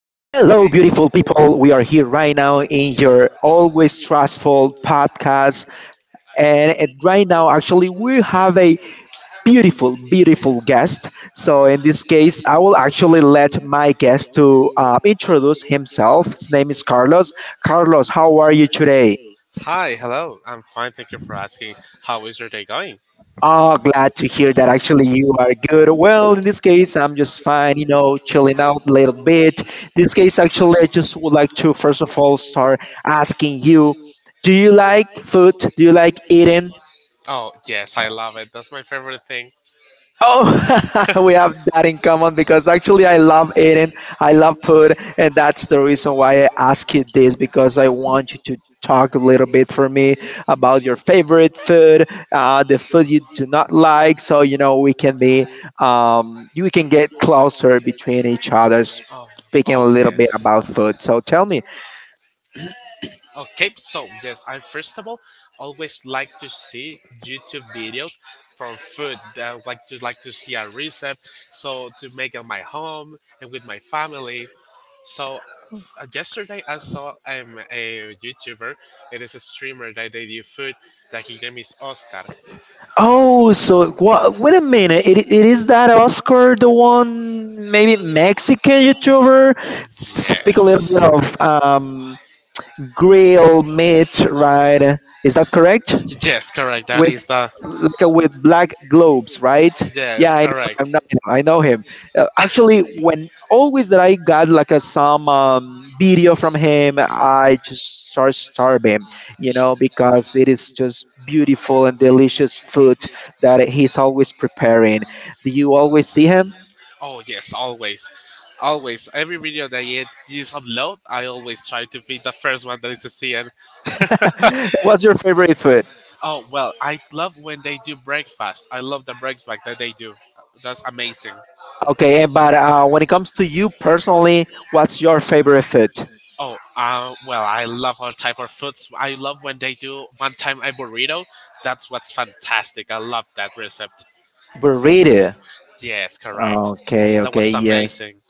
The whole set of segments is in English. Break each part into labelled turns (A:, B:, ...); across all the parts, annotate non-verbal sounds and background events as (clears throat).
A: beautiful people. We are here right now in your always stressful podcast. And right now, actually, we have a beautiful, beautiful guest. So, in this case, I will actually let my guest to introduce himself. His name is Carlos. Carlos, how are you today?
B: Hi, hello. I'm fine. Thank you for asking. How is your day going?
A: Oh, glad to hear that actually you are good. Well, in this case, I'm just fine, you know, chilling out a little bit. This case, actually, I just would like to first of all start asking you, do you like food? Do you like eating?
B: Oh, yes, I love it. That's my favorite thing.
A: Oh, (laughs) we have that in common because actually I love eating, I love food, and that's the reason why I ask you this because I want you to talk a little bit for me about your favorite food, the food you do not like, so you know we can be, we can get closer between each other.
B: Oh,
A: Speaking a
B: oh
A: little bit
B: yes.
A: about food, so tell me.
B: Okay, so yes, I first of all always like to see YouTube videos from food. I like to see a recipe, so to make at my home and with my family. So yesterday I saw a YouTuber. It is a streamer that they do food. That his name is Oscar.
A: Oh, so wha wait a minute, it is that Oscar, the one maybe Mexican YouTuber speak a
B: Yes.
A: little bit of grill meat, right? Is that correct?
B: Yes, correct. That
A: With
B: is the.
A: like a, with black globes, right? Yeah,
B: Yes,
A: I know him.
B: correct.
A: I know him. Actually, when always that I got like a some video from him, I just start starve him, you know, because it is just beautiful and delicious food that he's always preparing. Do you always see him?
B: Oh, yes, always. Always. Every video that you upload, I always try to be the first one that is seen. (laughs)
A: (laughs) What's your favorite food?
B: Oh, well, I love when they do breakfast. I love the breakfast that they do. That's amazing.
A: Okay, and but when it comes to you personally, what's your favorite food?
B: Oh, well, I love all type of foods. I love when they do one time a burrito. That's what's fantastic. I love that recipe.
A: Burrito.
B: Yes, correct.
A: Okay,
B: That
A: okay,
B: was
A: yes.
B: amazing.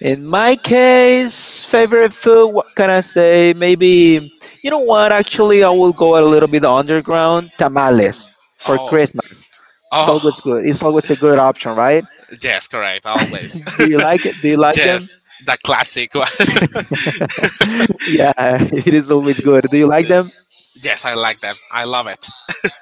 A: In my case, favorite food, what can I say? Maybe, you know what? Actually, I will go a little bit underground. Tamales for
B: Oh,
A: Christmas. It's always
B: oh,
A: good. It's always a good option, right?
B: (laughs) yes, correct. Always.
A: Do you like it? Do you
B: (laughs)
A: like them?
B: Yes, the classic one.
A: (laughs) Yeah, (laughs) it is always good. Do you like them?
B: (laughs) Yes, I like them. I love it.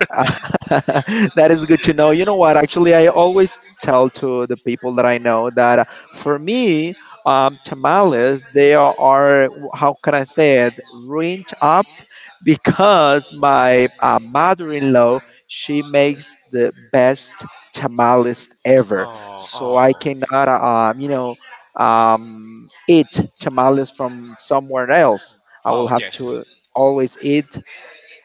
A: (laughs) that is good to know. You know what? Actually, I always tell to the people that I know that for me, tamales they are how can I say it ruined up because my mother-in-law she makes the best tamales ever.
B: Oh,
A: So I
B: oh,
A: cannot, you know, eat tamales from somewhere else. I will
B: oh,
A: have
B: yes.
A: to always eat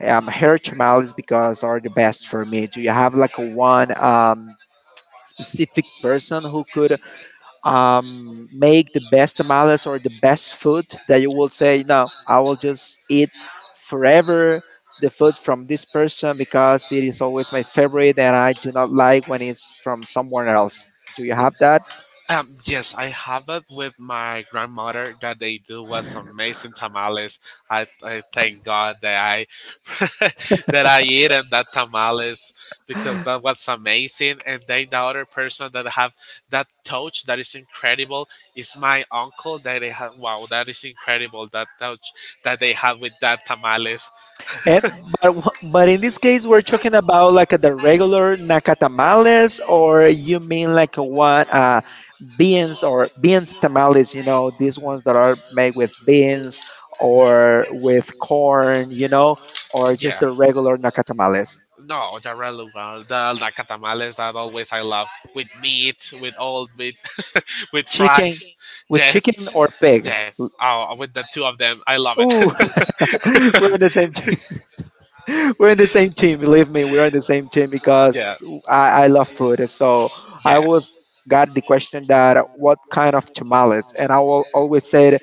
A: her tamales because are the best for me. Do you have like a one specific person who could make the best tamales or the best food that you will say, no, I will just eat forever the food from this person because it is always my favorite and I do not like when it's from someone else. Do you have that?
B: Yes, I have it with my grandmother that they do was amazing tamales. I thank God that I (laughs) that I eat and that tamales because that was amazing. And then the other person that have that touch that is incredible is my uncle that they have. Wow, that is incredible that touch that they have with that tamales.
A: Eh, but in this case, we're talking about like the regular naka tamales, or you mean like a one? Beans or beans tamales, you know, these ones that are made with beans or with corn, you know, or just
B: Yeah.
A: the regular naca tamales
B: No, the regular, the like tamales that always I love with meat, with all meat, with
A: chicken
B: fries, (laughs)
A: with chicken
B: just
A: or pig.
B: yes. Oh, with the two of them, I love it.
A: Ooh. (laughs) We're in the same team. (laughs) We're in the same team, believe me, we're in the same team
B: (laughs) Yeah,
A: because I love food so I
B: yes,
A: was got the question that what kind of tamales and I will always say it,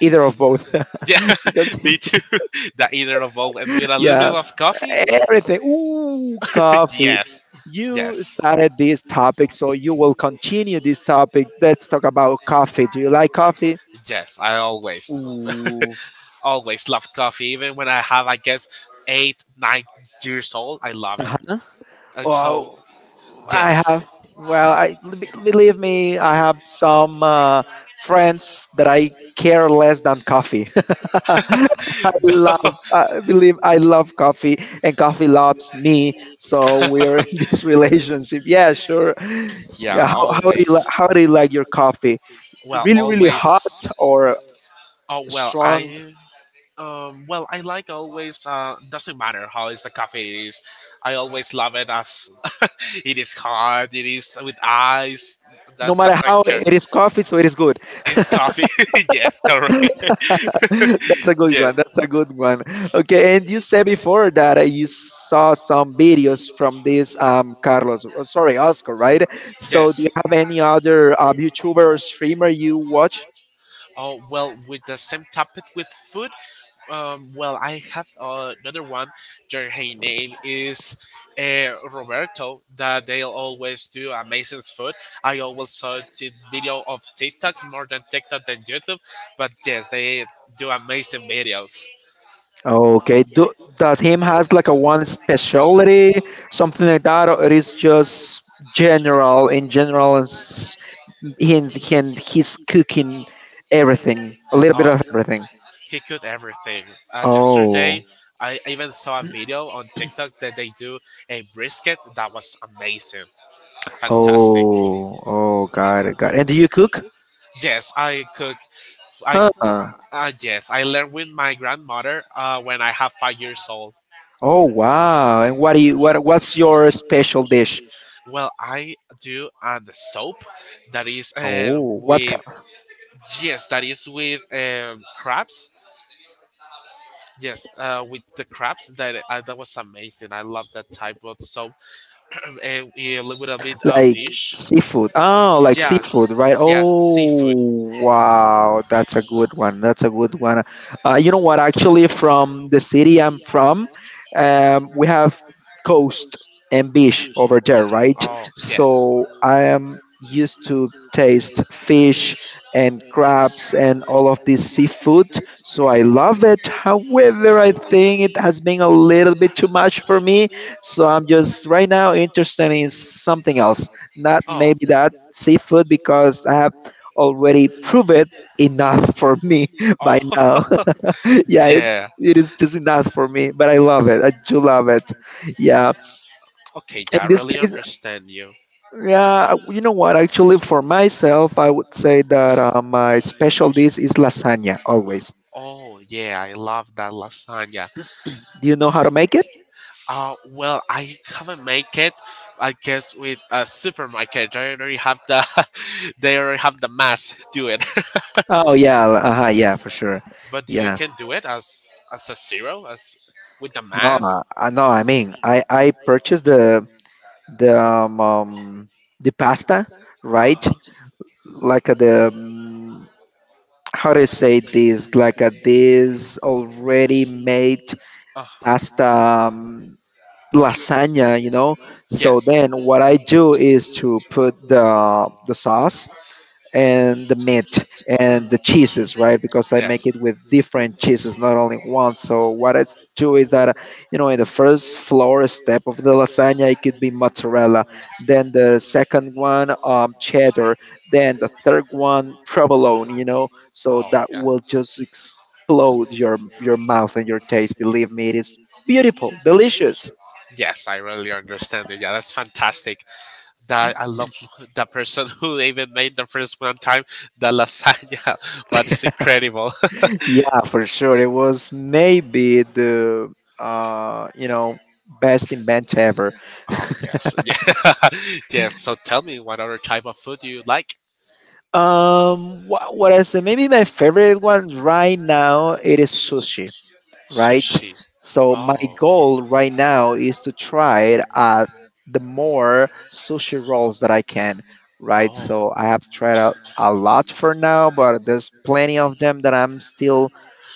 A: either of both
B: yeah,
A: (laughs)
B: (laughs)
A: because
B: me too. (laughs) The either of both, and with
A: (laughs)
B: a little
A: yeah.
B: bit of coffee.
A: Everything. Ooh,
B: (laughs)
A: coffee.
B: Yes,
A: You
B: yes,
A: started this topic, so you will continue this topic. Let's talk about coffee. Do you like coffee?
B: yes. I always,
A: Ooh.
B: (laughs) always love coffee, even when I have, I guess, 8, 9 years old. I love it.
A: Uh-huh.
B: And so,
A: Well, I
B: yes,
A: have. Well, believe me, I have some friends that I care less than coffee. (laughs) I
B: (laughs) no,
A: love, I believe I love coffee, and coffee loves me. So we're in (laughs) this relationship. Yeah, sure.
B: yeah,
A: Yeah,
B: always.
A: how do you like your coffee?
B: Well,
A: Really, really
B: always.
A: hot or
B: Oh, well,
A: strong?
B: I well, I like always. Doesn't matter how is the coffee is. I always love it as (laughs) it is hot. It is with ice.
A: No
B: That
A: matter
B: doesn't
A: how
B: care.
A: it is coffee, so it is good. (laughs)
B: It's coffee. (laughs) Yes, correct.
A: (laughs) That's a
B: (laughs)
A: good one.
B: Yes.
A: That's a good one. Okay, and you said before that you saw some videos from this Carlos, oh, sorry, Oscar, right? So do you
B: Yes.
A: have any other YouTuber or streamer you watch?
B: Oh, well, with the same topic with food. Well, I have another one. Their her name is Roberto. That they always do amazing food. I always saw the video of TikToks more than TikTok than YouTube, but yes, they do amazing videos.
A: Okay, do, does him has like a one specialty, something like that, or it is just general and in his cooking everything, a little bit
B: Oh,
A: of everything.
B: he could everything.
A: Oh,
B: Yesterday, I even saw a video on TikTok that they do a brisket that was amazing, fantastic.
A: oh, oh, got it, got it. And do you cook?
B: Yes, I cook. I
A: Huh.
B: Yes, I learned with my grandmother when I have 5 years old.
A: Oh wow. And what do you what's your special dish?
B: Well, I do the soap that is
A: Oh, what.
B: with yes, that is with crabs. Yes, with the crabs that that was amazing. I love that type of soap, a little bit of
A: Like
B: fish.
A: seafood. Oh, like
B: Yes,
A: seafood, right?
B: yes, seafood.
A: Oh, wow. That's a good one. That's a good one. You know what? Actually, from the city I'm from, we have coast and beach over there, right?
B: Oh, yes.
A: So I am used to taste fish and crabs and all of this seafood. So I love it. However, I think it has been a little bit too much for me so I'm just right now interested in something else, not
B: Oh,
A: maybe that seafood because I have already proved it enough (laughs) for me
B: oh,
A: by now. (laughs)
B: (laughs)
A: yeah, it's
B: yeah.
A: it is just enough for me, but I love it. I do love it. Yeah.
B: Okay, yeah, I
A: In this
B: really
A: case,
B: understand you.
A: yeah, you know what? Actually, for myself, I would say that my special dish is lasagna always.
B: Oh, yeah, I love that lasagna.
A: Do you know how to make it?
B: Well, I haven't make it. I guess with a supermarket, they already have the, (laughs) they already have the mass do it.
A: Oh yeah, yeah, for sure.
B: (laughs) But you
A: Yeah.
B: can do it as a zero, as with the
A: No, uh,
B: mass.
A: uh, no, I mean, I purchased the um, um, the pasta,
B: Uh
A: right?
B: huh.
A: Like the how do you say this? Like this already made
B: Uh huh.
A: pasta lasagna, you know. So
B: Yes.
A: then what I do is to put the sauce and the meat and the
B: Mm.
A: cheeses, right? Because I make
B: Yes.
A: it with different cheeses, not only one. So what do is that, you know, in the first floor step of the lasagna, it could be mozzarella, then the second one, cheddar, then the third one, provolone. You know, so
B: Oh,
A: that
B: yeah.
A: will just explode your mouth and your taste. Believe me, it is beautiful, delicious.
B: Yes, I really understand it. Yeah, that's fantastic. That I love the person who even made the first one time the lasagna. (laughs) What is incredible. (laughs)
A: Yeah, for sure. It was maybe the you know best event ever.
B: Oh,
A: (laughs)
B: yes, yeah, (laughs) yes. So tell me, what other type of food do you like?
A: What I say, maybe my favorite one right now it is sushi, right?
B: Sushi.
A: So my
B: Oh,
A: goal right now is to try the more sushi rolls that I can, right?
B: oh,
A: So I have tried a lot for now, but there's plenty of them that I'm still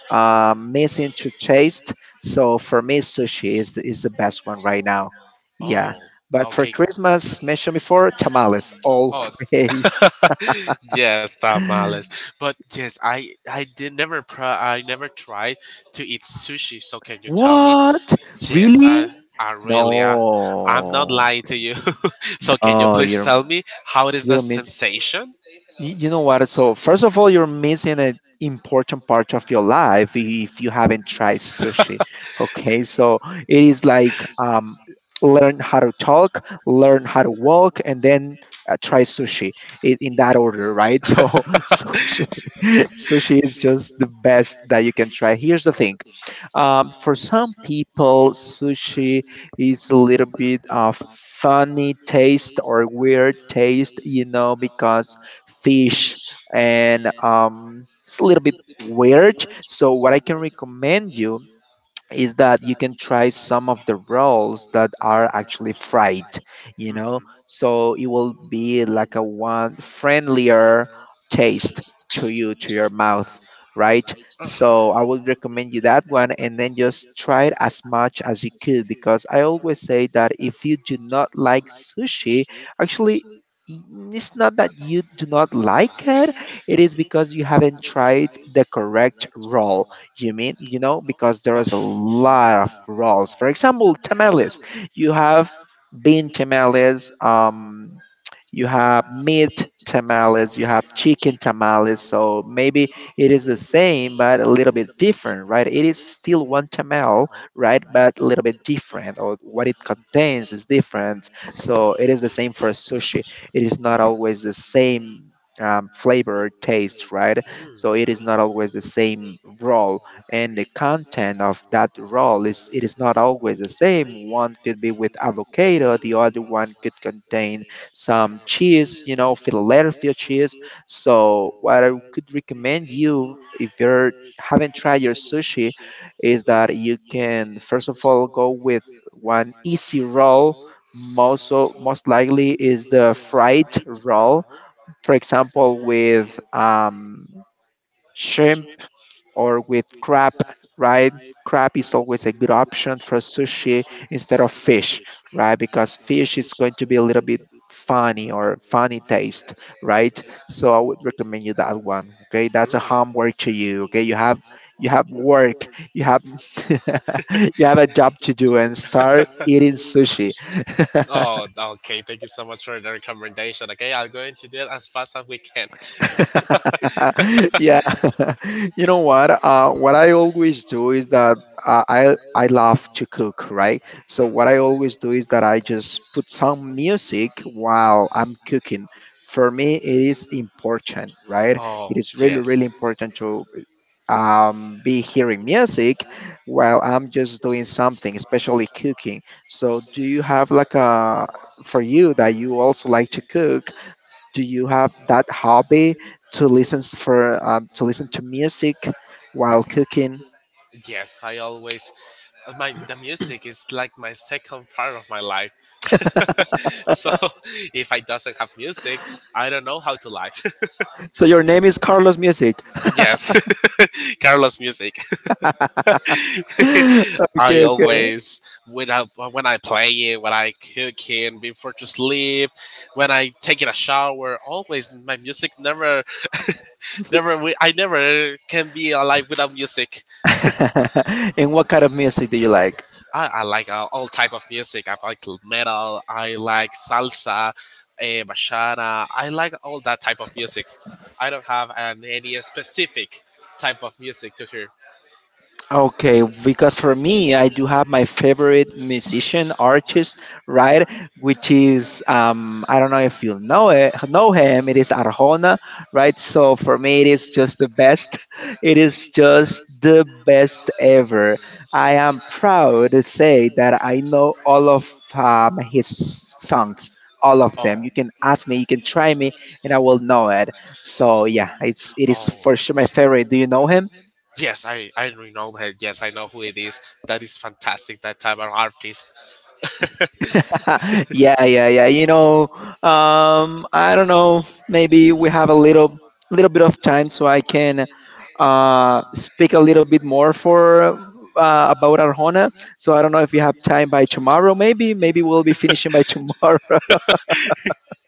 A: missing to taste. So for me, sushi is is the best one right now. Yeah.
B: oh.
A: But for
B: Okay.
A: Christmas, mentioned before, tamales
B: Oh,
A: always. (laughs)
B: (laughs) yes, tamales. But yes, I did never I never tried to eat sushi. So can you tell me?
A: What?
B: Yes,
A: Really?
B: I really I'm not
A: No.
B: lying to you. (laughs) So can you
A: Oh,
B: please tell me how it is the
A: you're mis
B: sensation?
A: Y- You know what? So first of all, you're missing an important part of your life if you haven't tried sushi. Okay, so it is like learn how to talk, learn how to walk, and then try sushi in that order, right? (laughs) So sushi, (laughs) sushi is just the best that you can try. Here's the thing: for some people, sushi is a little bit of funny taste or weird taste, you know, because fish, and it's a little bit weird. So what I can recommend you is that you can try some of the rolls that are actually fried, you know,
B: Mhm.
A: so it will be like a one friendlier taste to you, to your mouth, right? So I
B: Uh-huh.
A: would recommend you that one and then just try it as much as you could because I always say that if you do not like sushi, actually, it's not that you do not like it is because you haven't tried the correct roll you mean, you know, because there
B: Oh.
A: is a lot of rolls. For example, tamales. You have bean tamales, you have meat tamales, you have chicken tamales. So maybe it is the same, but a little bit different, right? It is still one tamal, right? But a little bit different, or what it contains is different. So it is the same for sushi. It is not always the same flavor or taste, right?
B: Mm,
A: So it is not always the same roll and the content of that roll is it is not always the same. One could be with avocado, the other one could contain some cheese, you know, Philadelphia cheese. So what I could recommend you if you're haven't tried your sushi is that you can first of all go with one easy roll most likely is the fried roll for example with shrimp or with crab, right? Crab is always a good option for sushi instead of fish, right? Because fish is going to be a little bit funny or funny taste, right? So I would recommend you that one. Okay, that's a
B: mm.
A: homework to you. Okay, you have work, you have (laughs) you have a job to do, and start eating sushi. (laughs)
B: Oh, okay. Thank you so much for the recommendation. Okay, I'll go into that as fast as we can. (laughs)
A: (laughs) yeah (laughs) You know what I always do is that I love to cook, right? So what I always do
B: Mm.
A: is that I just put some music while I'm cooking. For me it is important, right? It
B: Oh,
A: is really really
B: yes.
A: important to be hearing music while I'm just doing something, especially cooking. So do you have like a, for you that you also like to cook, do you have that hobby to listen for, to listen to music while cooking?
B: Yes, I always my the music is like my second part of my life. (laughs) So if I doesn't have music, I don't know how to live.
A: So your name is Carlos Music.
B: (laughs) Yes. (laughs) Carlos music. (laughs)
A: (laughs)
B: I
A: Okay, okay.
B: always when I play it, when I cook it before to sleep, when I take in a shower, always my music never (laughs) never wi- I never can be alive without music.
A: (laughs) And what kind of music do you like?
B: I like all type of music. I like metal. I like salsa. Bachata. I like all that type of music. I don't have any specific type of music to hear.
A: Okay, because for me, I do have my favorite musician artist, right? Which is I don't know if you know him. It is Arjona, right? So for me, it is just the best. (laughs) It is just the best ever. I am proud to say that I know all of his songs, all of
B: Oh,
A: them. You can ask me, you can try me, and I will know it. So yeah, it is
B: oh,
A: for sure my favorite. Do you know him?
B: yes, I really know that. Yes, I know who it is. That is fantastic. That type of artist.
A: (laughs) Yeah, yeah, yeah. You know, I don't know. Maybe we have a little, little bit of time, so I can speak a little bit more for about Arjona. So I don't know if you have time by tomorrow. Maybe, maybe we'll be finishing by tomorrow.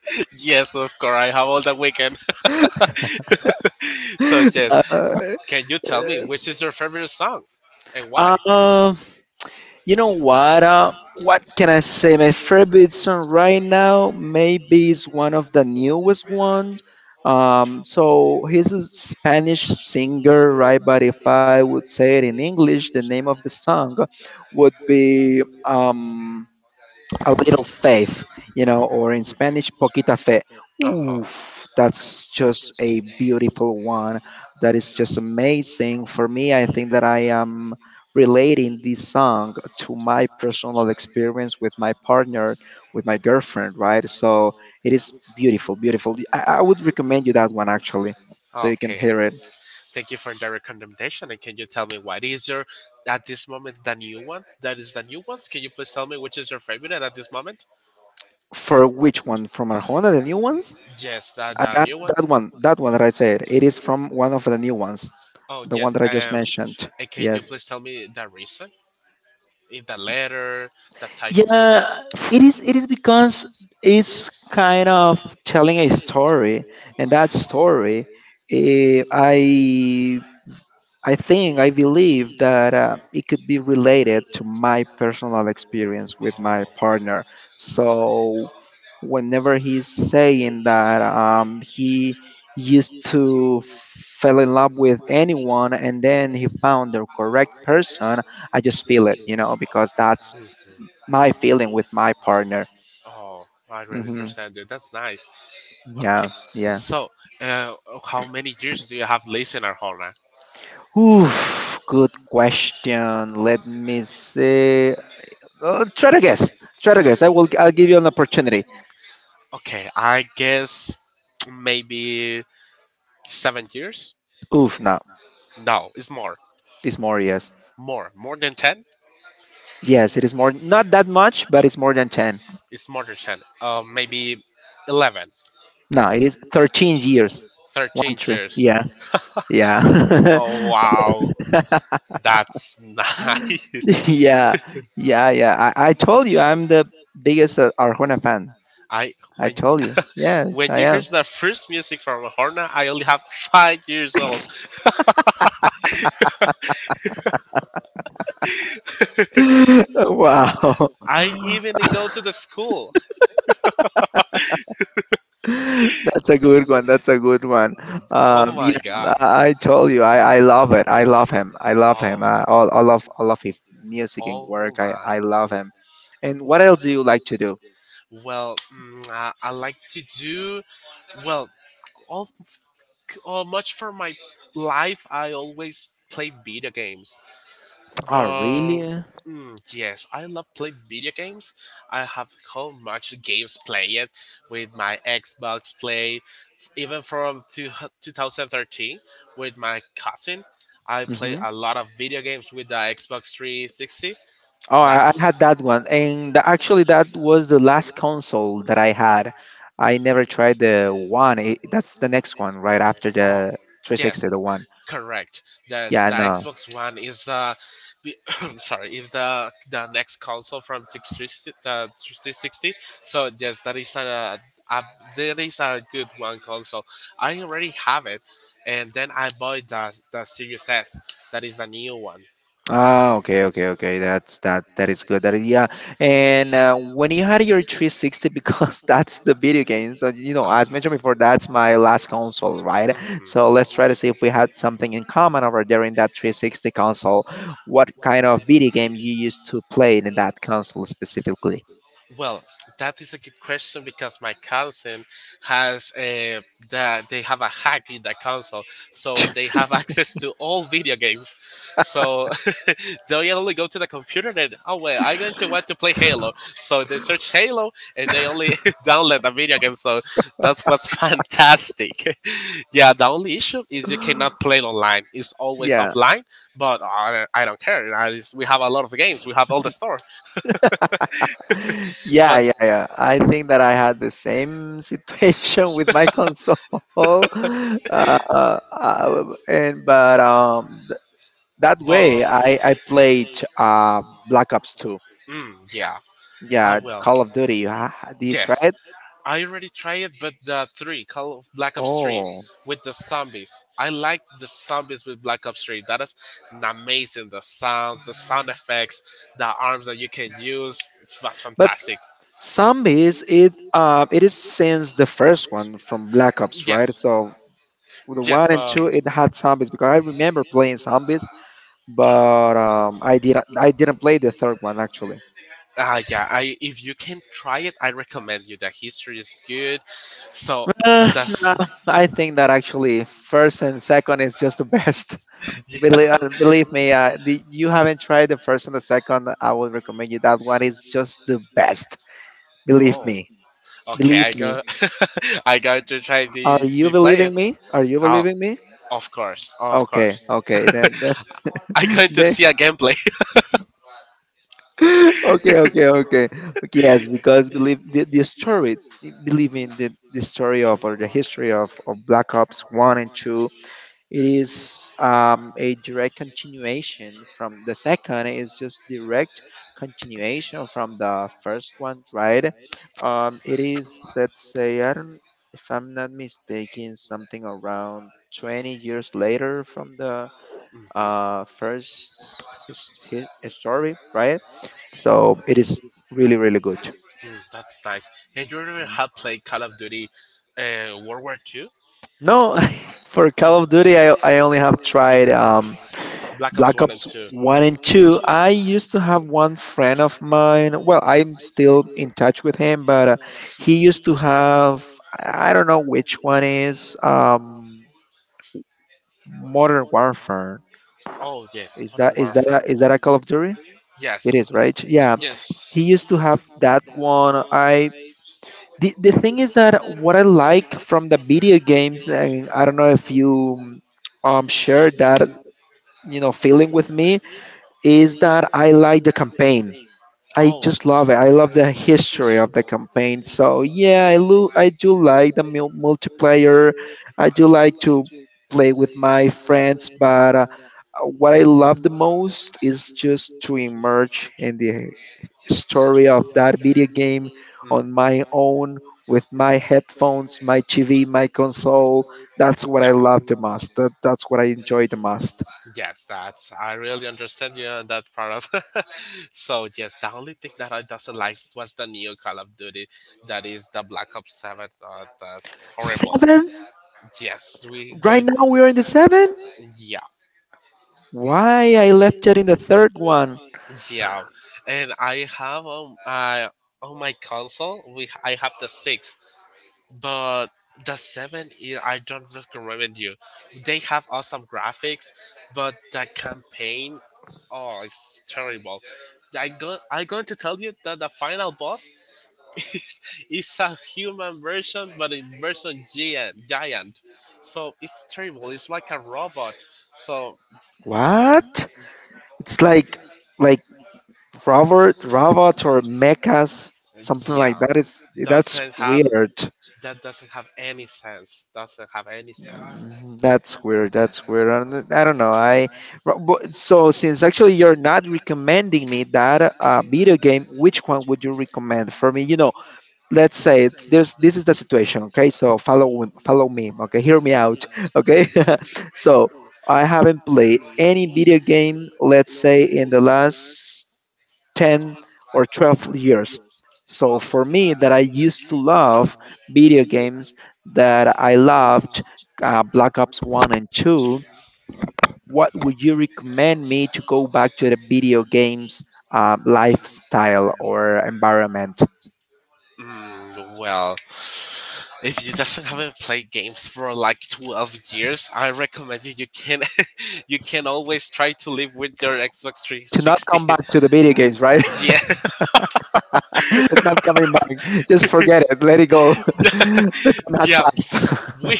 B: (laughs) Yes, of course. I have all the weekend. (laughs) So yes,
A: (laughs)
B: can you tell me
A: uh,
B: which is your favorite song, and why?
A: um, You know what? What can I say? My favorite song right now maybe is one of the newest ones. So he's a Spanish singer, right? But if I would say it in English, the name of the song would be a little faith, you know, or in Spanish, poquita fe.
B: Oh,
A: Ooh, that's just a beautiful one. That is just amazing. For me, I think that I am relating this song to my personal experience with my partner, with my girlfriend, right? So it is beautiful, beautiful. I would recommend you that one actually, so you can
B: okay.
A: hear it.
B: Thank you for the recommendation. And can you tell me what is your at this moment the new one? That is the new ones. Can you please tell me which is your favorite at this moment?
A: For which one? From Arjona, the new ones?
B: Yes,
A: Uh,
B: the
A: that
B: new one.
A: that one right there. It is from one of the new ones,
B: Oh,
A: the one
B: yes.
A: that I just mentioned.
B: And can you
A: Yes.
B: please tell me the reason? Is the letter, the type of?
A: Yeah, it is. It is because it's kind of telling a story, and that story, eh, I I think, I believe that it could be related to my personal experience with my partner. So, whenever he's saying that he used to fell in love with anyone and then he found the correct person, I just feel it, you know, because that's my feeling with my partner.
B: Oh, oh, I really
A: Hmm
B: understand you. That's nice. Okay.
A: Yeah, yeah.
B: So, uh, how many years do you have lived in Arjona?
A: Oof, good question. Let me see. Try to guess. Try to guess. I will. I'll give you an opportunity.
B: Okay, I guess maybe 7 years.
A: Oof, no,
B: No, it's more,
A: it's more. Yes,
B: more than 10.
A: yes, it is more. Not that much, but it's more than ten.
B: It's smarter than maybe 11,
A: No, it is 13 years. One
B: thirteen
A: three.
B: years
A: Yeah, yeah,
B: Oh, wow, that's (laughs) nice.
A: (laughs) yeah, yeah. I told you I'm the biggest Arjona fan.
B: I
A: I
B: when you
A: told you.
B: (laughs)
A: Yes,
B: When
A: I
B: you hear
A: am.
B: the first music from a horna, I only have 5 years old.
A: (gasps) (laughs) wow.
B: I
A: (laughs)
B: even didn't go to the school.
A: (laughs) That's a good one. That's a good one.
B: Oh my
A: Yeah,
B: god.
A: I told you, I love it. I love him. I love him.
B: Oh.
A: All of his music and
B: Oh
A: work.
B: my.
A: I love him. And what else do you like to do?
B: Well, I like to do well. All, much for my life, I always play video games.
A: Oh,
B: But
A: really?
B: yes, I love playing video games. I have how much games played with my Xbox Play, even from 2013 with my cousin. I play
A: Hmm
B: a lot of video games with the Xbox 360.
A: Oh, I had
B: That's
A: that one, and actually, that was the last console that I had. I never tried the one. That's the next one, right after
B: Oh,
A: the
B: yes,
A: 360, the one.
B: correct. That's
A: Yeah,
B: the
A: no.
B: Xbox One is the, (coughs) (clears throat) sorry, is the next console from 360. 360. So yes, that is a, a good one console. I already have it, and then I bought the Series S. That is the new one.
A: Ah, okay, okay, okay. That's that. That is good. That is, yeah. And when you had your 360, because (laughs) that's the video game. So you know, as mentioned before, that's my last console, right? So let's try to see if we had something in common over there in that 360 console. What kind of video game you used to play in that console specifically?
B: Well, that is a good question because my cousin has a that they have a hack in the console, so they have (laughs) access to all video games. So (laughs) they only go to the computer and oh wait, I'm going to want to play Halo. So they search Halo and they only (laughs) download the video game. So that was fantastic. (laughs) Yeah, the only issue is you cannot
A: (laughs)
B: play it online. It's always
A: Yeah.
B: offline, but I don't care. We have a lot of games. We have all the store,
A: Yeah,
B: but
A: yeah, yeah. I think that I had the same (laughs) situation with my console. (laughs)
B: (laughs)
A: And But that
B: but
A: way I played Black Ops 2.
B: mm, yeah, I
A: Yeah,
B: will.
A: Call of Duty. Did you try
B: Yes,
A: it?
B: I already tried it, but the three Call of Black Ops Three
A: Oh,
B: with the zombies. I like the zombies with Black Ops Three. That is amazing. The sounds, the sound effects, the arms that you can use. It was
A: but
B: fantastic.
A: zombies, it is since the first one from Black Ops, right?
B: Yes,
A: So the
B: yes,
A: one and
B: but
A: two it had zombies, because I remember playing zombies,
B: um,
A: but I didn't play the third one actually.
B: yeah, I if you can try it, I recommend you. The history is good, so
A: Uh, nah,
B: that's
A: I think that actually first and second is just the best.
B: (laughs)
A: (laughs)
B: yeah.
A: Believe, believe me, you haven't tried the first and the second. I would recommend you that one is just the best. Believe
B: Oh,
A: me.
B: okay.
A: Believe
B: I
A: me.
B: got (laughs) I got to try
A: Are
B: to,
A: you
B: to play it.
A: believing me? Are you
B: Oh,
A: believing me?
B: of course, of
A: Okay,
B: course. (laughs)
A: okay, then,
B: I'm
A: (laughs)
B: going to
A: then
B: see a gameplay.
A: (laughs) okay, okay, okay. Okay, yes, because believe the story, believe in the story of or the history of Black Ops 1 and 2. It is a direct continuation from the second is just direct continuation from the first one, right? It is, let's say, I don't, if I'm not mistaken, something around 20 years later from the
B: (laughs) Hmm.
A: first his, his story, right? So it is really really good.
B: Mm, that's nice. And you ever
A: Mhm.
B: have played Call of Duty, World War II?
A: No, (laughs) for
B: You
A: Call of Duty, I only have tried
B: Black Ops
A: Black
B: One and
A: Ops
B: Two.
A: 1 and 2. I used to have one friend of mine. Well, I'm still in touch with him, but he used to have, I don't know which one is, Modern Warfare.
B: Oh, yes, Modern
A: Is that a,
B: Warfare.
A: is that a Call of Duty? It
B: Yes.
A: is, right? Yeah.
B: Yes.
A: He used to have that one. I The thing is that what I like from the video games, and I don't know if you share that you know feeling with me, is that I like the campaign. I
B: Oh,
A: just love it. I love the history of the campaign. So yeah, I do like the multiplayer. I do like to play with my friends, but what I love the most is just to emerge in the story of that video game
B: mm,
A: on my own with my headphones, my TV, my console. That's what I
B: yeah.
A: love the most. That's what I enjoy the most.
B: Most. Yes, that's I really understand you on that part of. (laughs) So yes, the only thing that I doesn't like was the new Call of Duty, that is the Black Ops Seven. That's horrible.
A: Seven.
B: Yes, we
A: Right
B: going to
A: now we are in the seven.
B: yeah,
A: Why I left it in the third one?
B: yeah, and I have I on my console we I have the six, but the seven I don't recommend you. They have awesome graphics, but the campaign, oh, it's terrible. I'm going to tell you that the final boss (laughs) is, is a human version, but in version giant, giant. So it's terrible. It's like a robot. So
A: What? It's like Robert, robot or mechas, something like
B: yeah,
A: that. It's, that's
B: doesn't have
A: weird.
B: that doesn't have any sense. Doesn't have any sense.
A: Mm, that's weird. That's weird. I don't know. I so since actually you're not recommending me that video game, which one would you recommend for me? You know, let's say there's, this is the situation, okay, so follow me, okay, hear me out, (laughs) okay. (laughs) So I haven't played any video game, let's say in the last 10 or 12 years, so
B: 12,
A: for
B: dude.
A: me that I used to love video games, that I loved Black Ops 1 and 2, what would you recommend me to go back to the video games, lifestyle or environment,
B: Mm, well, if you doesn't haven't played games for like 12 years, I recommend you. You can, (laughs) you can always try to live with your Xbox three
A: to not
B: sixty.
A: come back to the video
B: Mm,
A: games, right?
B: yeah,
A: (laughs) It's not coming back. Just forget it. Let it go. (laughs)
B: (laughs) (laughs)
A: The time has
B: yeah.
A: passed.
B: We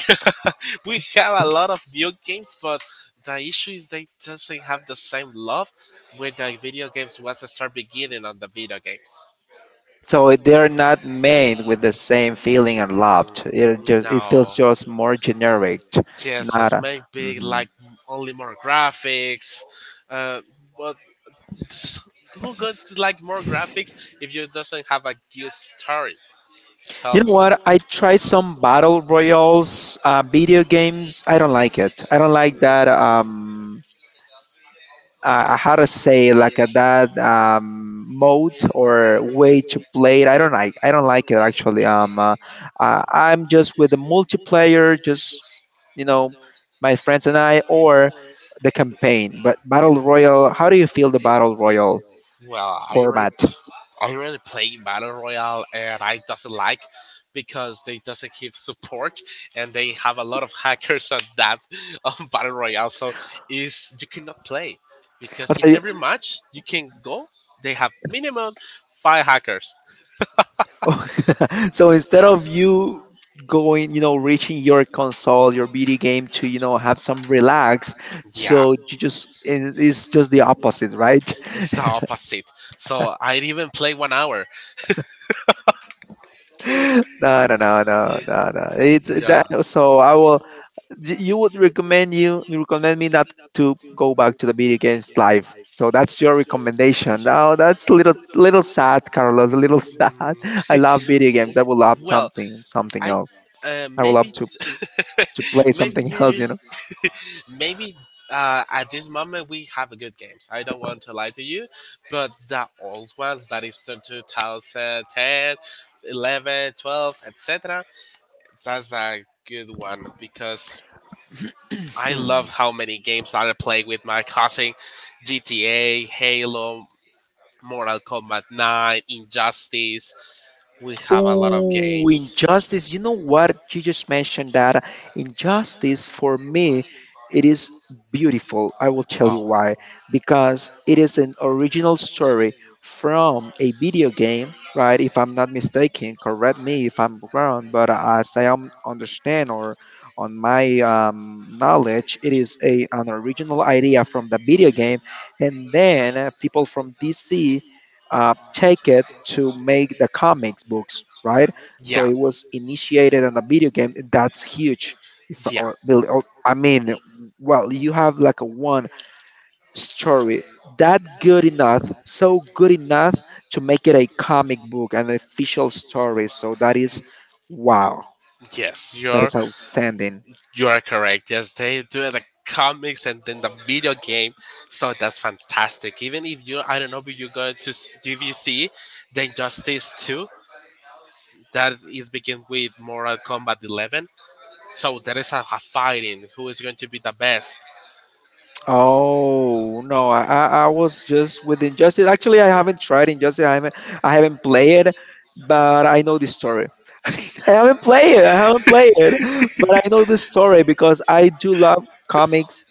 B: (laughs) we have a lot of new games, but the issue is they doesn't have the same love with the video games once I start beginning on the video games.
A: (laughs) So they're not made with the same feeling and love. It
B: Mm,
A: just, it feels
B: no.
A: just more generic.
B: Yes,
A: Not.
B: let's
A: A,
B: make big
A: Mhm.
B: like only more graphics. Uh, but (laughs) who got like more graphics if you doesn't have a good story?
A: You
B: Tell
A: know
B: me.
A: what? I tried some battle royals, video games. I don't like it. I don't like that. How to say like a, that mode or way to play it. I don't like it actually. I'm just with the multiplayer, just you know, my friends and I, or the campaign. But battle
B: Mm.
A: royal, how do you feel the battle royal
B: Well, I already
A: format?
B: I already play Battle Royale and I doesn't like because they doesn't give support and they have a lot of hackers on that (laughs) on Battle Royale, so is you cannot play because in every
A: (laughs)
B: match you can go they have minimum five hackers.
A: Oh, so (laughs) so instead of you going, you know, reaching your console, your video game, to you know have some relax,
B: Yeah.
A: so you just it's just the opposite, right?
B: It's the opposite. So I didn't even play 1 hour.
A: No, no, no, no, no, no. It's
B: Yeah.
A: that. So I will. You would recommend, you recommend me not to go back to the video games live. So that's your recommendation. Now that's a little little sad, Carlos. A little sad. (laughs) I
B: Mm,
A: love video games. I would love
B: (laughs) well,
A: something
B: I
A: else. I would love
B: maybe
A: to play
B: (laughs)
A: something (laughs) else.
B: maybe
A: You
B: maybe at this moment we have a good games. I don't want to lie to you, but the old ones that is the 2010, 11, 12, etc. That's a good one because I
A: know.
B: love how many games I play with my cousin, GTA, Halo, Mortal Kombat 9, Injustice. We have a lot of
A: Oh,
B: games.
A: injustice. You know what? You just mentioned that injustice, for me, it is beautiful. I will tell you
B: Oh.
A: why. Because it is an original story from a video game, right? If I'm not mistaken, correct me if I'm wrong, but as I am understand or on my knowledge, it is a an original idea from the video game, and then people from DC take it to make the comics books, right?
B: Mhm.
A: So
B: Yeah.
A: it was initiated on a video game. That's huge. If
B: Yeah.
A: or, build- or- I mean, well, you have like a one story that good enough, so good enough to make it a comic book, an official story. So that is wow.
B: Yes,
A: That is outstanding.
B: you are correct. Yes, they do the comics and then the video game. So that's fantastic. Even if you I don't know if you go to if you see, then Justice Two that is begin with Mortal Kombat 11. So there is a fighting who is going to be the best.
A: Oh no, I was just with Injustice. Actually, I haven't tried Injustice. I haven't played it, but I know the story. (laughs) I I haven't played it, but I know the story because I do love comics,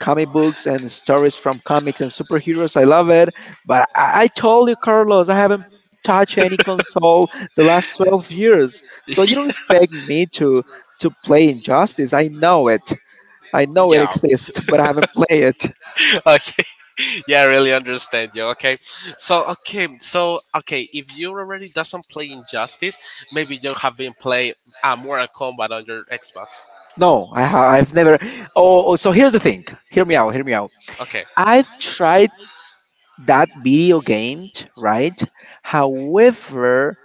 A: comic books, and stories from comics and superheroes. I love it. But I told you, Carlos, I haven't touched any console the last 12 years. So
B: (laughs)
A: you don't expect me to play Injustice. I know it. I know it
B: Yeah.
A: exists, but I
B: Yeah.
A: haven't played it.
B: (laughs) Okay. (laughs) Yeah, I really understand you. Okay if you already doesn't play Injustice maybe you have been playing Mortal Kombat on your Xbox.
A: No, I've never. Oh, so here's the thing. Hear me out. Hear me out.
B: Okay.
A: I've tried that video game, right? However,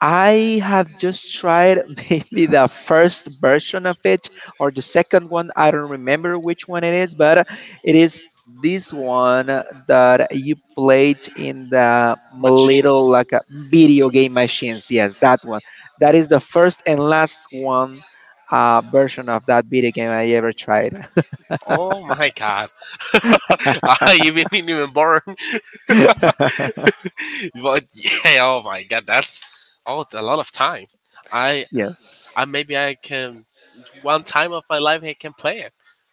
A: I have just tried (laughs) maybe the first version of it or the second one. I don't remember which one it is, but it is this one that you played in the little
B: Machines.
A: like a video game machines. Yes, that one. That is the first and last one version of that video game I ever tried.
B: Oh my god. (laughs) I even didn't even born.
A: (laughs) Yeah,
B: (laughs) But yeah, oh my god, that's oh a lot of time. I,
A: you
B: I maybe I can one time of my life I can play it. (laughs)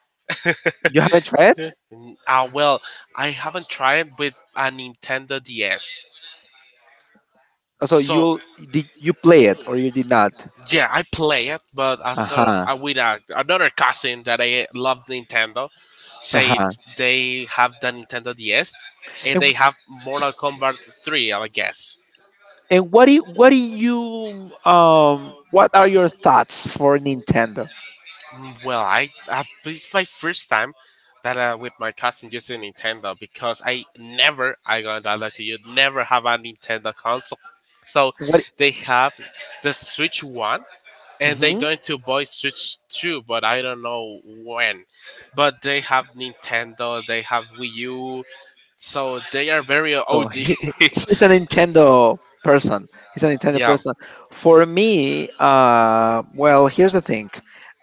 A: haven't tried it,
B: Yeah. Mm, well, I haven't tried it with a Nintendo DS.
A: so you
B: So
A: did you play it or you did not?
B: yeah, I play it, but
A: Uh
B: as
A: huh.
B: with another cousin that I love Nintendo,
A: Uh
B: say
A: huh.
B: they have the Nintendo DS, and
A: And
B: they have Mortal Kombat 3, I guess.
A: And what do you, what do you what are your thoughts for Nintendo?
B: Mm, well, I this is my first time that with my cousin using Nintendo because I never I gonna tell that to you never have a Nintendo console. So
A: What?
B: they have the Switch One and they going to buy Switch Two, but I don't know when. But they have Nintendo, they have Wii U, so they are very
A: So
B: OG. (laughs)
A: he's a Nintendo person. He's a Nintendo
B: Yeah,
A: person. For me, well, here's the thing.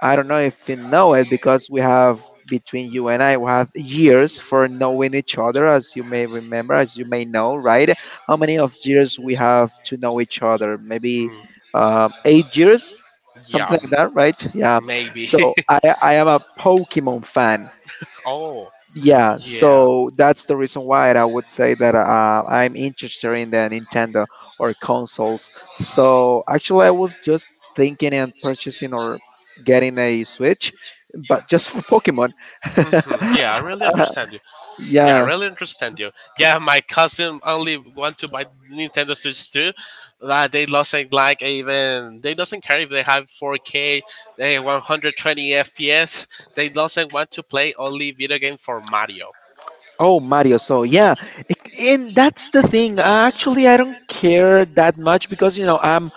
A: I don't know if you know it because we have between you and I we have years for knowing each other, as you may remember, as you may know, right? How many of years we have to know each other? Maybe
B: mm,
A: 8 years,
B: yeah,
A: something like
B: mm,
A: that, right? Yeah.
B: maybe.
A: So I am a Pokemon fan.
B: (laughs) Oh,
A: Yeah,
B: yeah.
A: so that's the reason why I would say that I'm interested in the Nintendo or consoles. So actually, I was just thinking and purchasing or getting a Switch, but just for Pokemon.
B: Yeah, I really
A: (laughs)
B: understand you. Yeah, I
A: Yeah.
B: really understand you. Yeah, my cousin only want to buy Nintendo Switch 2. Like they doesn't like even they doesn't care if they have 4K, they 120 FPS. They doesn't want to play only video game for Mario.
A: Oh, Mario. So yeah, I- and that's the thing. Actually, I don't care that much because you know I'm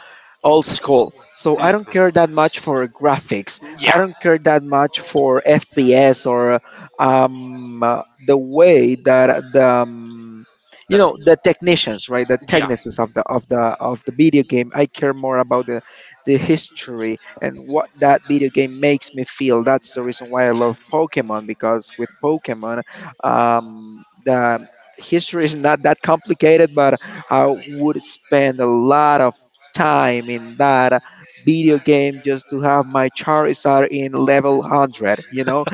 A: old school. So I don't
B: hmm
A: care that much for graphics. I
B: Yeah,
A: don't care that much for FPS or the way that the you
B: that
A: know the technicians, right? The
B: yeah.
A: technicians of the of the of the video game. I care more about the history and what that video game makes me feel. That's the reason why I love Pokemon because with Pokemon the history is not that complicated, but I would spend a lot of time in that video game just to have my Charizard in level 100. You know,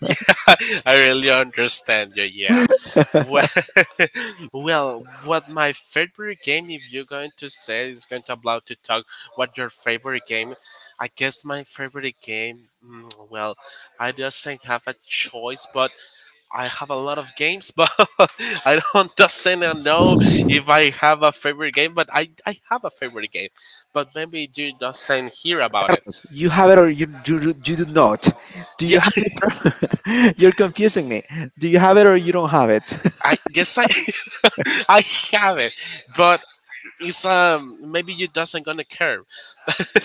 B: Yeah, (laughs) I really understand you. Yeah.
A: (laughs)
B: Well, (laughs) well, what my favorite game, if you're going to say, is going to about to talk what your favorite game. I guess my favorite game. Well, I doesn't have a choice, but I have a lot of games. (laughs) But I don't doesn't know if I have a favorite game. But I have a favorite game. But maybe you doesn't hear about it.
A: Carlos, you have it or you do not. Do you
B: Yeah,
A: have
B: (laughs)
A: it? (laughs) You're confusing me. Do you have it or you don't have it?
B: I guess I (laughs) I have it, but it's maybe you doesn't gonna care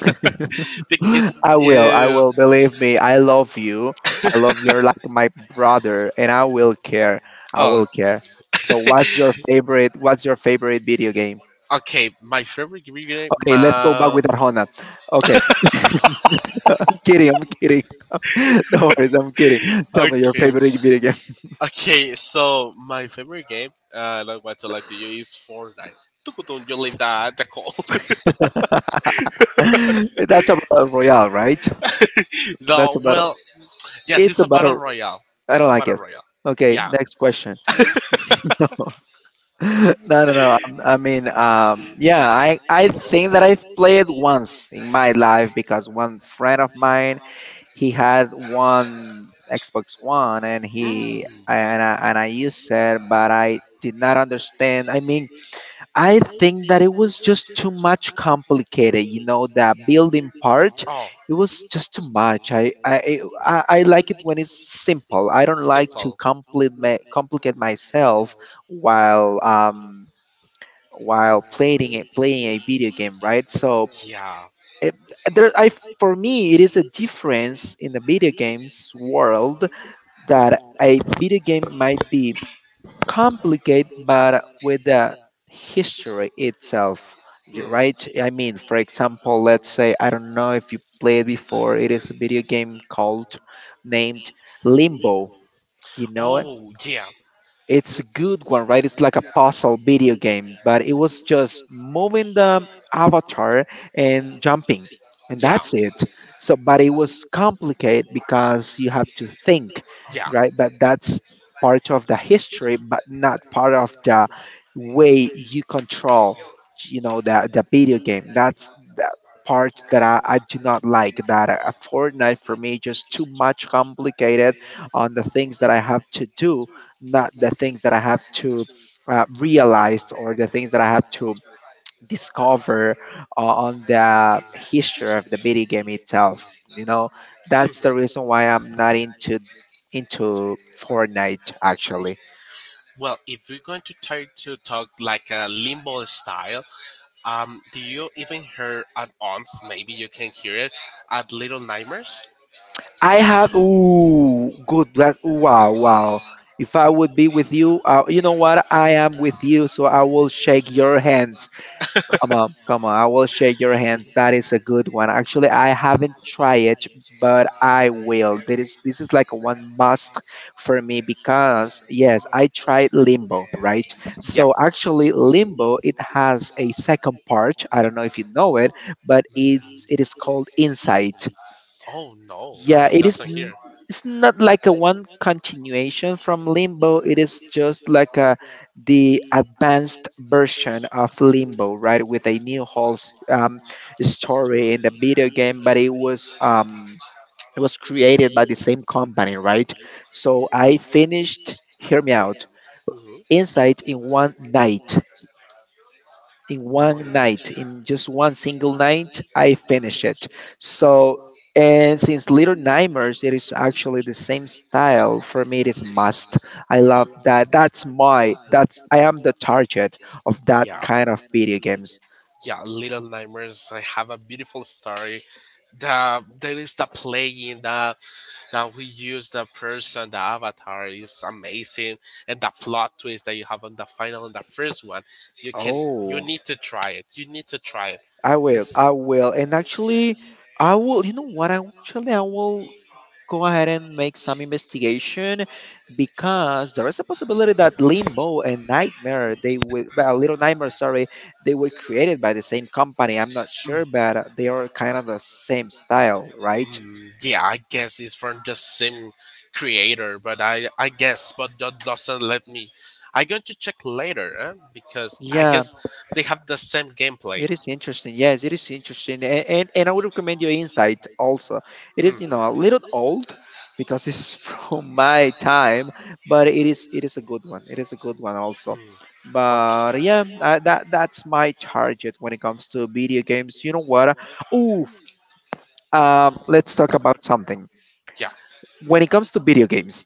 B: (laughs) because
A: I will. I will. Believe me, I love you. I love you are like my brother, and I will care. I
B: oh
A: will care. So, what's
B: (laughs)
A: your favorite? What's your favorite video game?
B: okay, my favorite video game,
A: Okay, let's go back
B: my
A: with Arjona. Okay, (laughs) I'm kidding. I'm kidding. (laughs) No worries. I'm kidding. Tell me your
B: okay
A: favorite video game.
B: okay, so my favorite game not what to lie to you is Fortnite. Tukutun, you leave that the call.
A: (laughs) That's a battle royale, right?
B: (laughs)
A: That's
B: No,
A: a battle.
B: well, yes,
A: It's
B: it's
A: a
B: a battle
A: battle.
B: royale.
A: I
B: It's
A: don't
B: a
A: like
B: battle
A: it.
B: royale.
A: Okay,
B: Yeah.
A: next question. (laughs) (laughs) No, no, no. I mean, yeah, I think that I've played once in my life because one friend of mine, he had one Xbox One and
B: Mm.
A: I used it, but I did not understand. I mean, I think that it was just too much complicated. You know, the building part,
B: Oh.
A: it was just too much. I like it when it's simple. I don't like to complicate complicate myself while um while playing playing a video game, right? So
B: Yeah.
A: it, there, I for me, it is a difference in the video games world that a video game might be complicated, but with the history itself,
B: Mm.
A: right? I mean, for example, let's say I don't know if you played before. It is a video game called named Limbo. You know it?
B: Oh, yeah.
A: It's a good one, right? It's like a puzzle video game, but it was just moving the avatar and jumping, and
B: Yeah.
A: that's it. So, but it was complicated because you have to think,
B: Yeah.
A: right? But that's part of the history, but not part of the way you control, you know, the video game. That's the part that I do not like. That a Fortnite for me just too much complicated on the things that I have to do not the things that I have to realize or the things that I have to discover on the history of the video game itself. You know, that's the reason
B: hmm
A: why I'm not into Fortnite actually.
B: Well, if we're going to try to talk like a Limbo style, do you even hear at once? Maybe you can hear it at Little Nightmares.
A: I have ooh good black wow wow. If I would be with you, you know what? I am with you, so I will shake your hand. Come on, come on. I will shake your hands. That is a good one. Actually, I haven't tried it, but I will. There is this is like a one must for me because yes, I tried Limbo, right? So actually Limbo it has a second part. I don't know if you know it, but it is called insight.
B: Oh no,
A: Yeah,
B: I
A: it is.
B: doesn't hear.
A: It's not like a one continuation from Limbo. It is just like a the advanced version of Limbo, right? With a new whole story in the video game, but it was created by the same company, right? So I finished. Hear me out.
B: Hmm.
A: Inside in one night in one
B: One night.
A: night in just one single night I finish it so and since little nightmares it is actually the same style for me it is a must I love that that's my that's I am the target of that
B: Yeah,
A: kind of video games.
B: yeah, Little Nightmares. I have a beautiful story. There is the playing that we use the person, the avatar is amazing, and the plot twist that you have on the final and the first one. You can you
A: Oh,
B: need to try it. You need to try it.
A: I will
B: It's
A: I will and actually I will you know what I actually I will go ahead and make some investigation because there is a possibility that limbo and nightmare little nightmare, sorry, they were created by the same company, I'm not sure, but
B: Mm,
A: they are kind of the same style, right?
B: Yeah, I guess it's from the same creator, but I guess, but that doesn't let me. I'm going to check later, eh? Because I
A: Yeah.
B: guess they have the same gameplay.
A: It is interesting. Yes, it is interesting. And and I would recommend your insight also. It is, you
B: Mm-hmm.
A: know, a little old because it's (laughs) from my time, but it is a good one. It is a good one also.
B: Mm, okay.
A: But yeah, that's my target when it comes to video games. You know what? Oof. Let's talk about something.
B: Yeah.
A: When it comes to video games,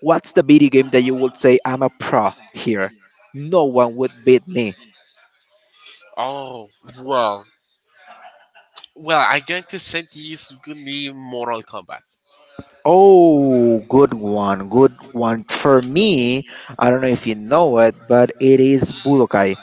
A: what's the video game that you would say I'm a pro here? No one would beat me.
B: Oh well. Well, I'm going to send this good new Mortal Kombat.
A: Oh, good one, good one. For me, I don't know if you know it, but it is Budokai.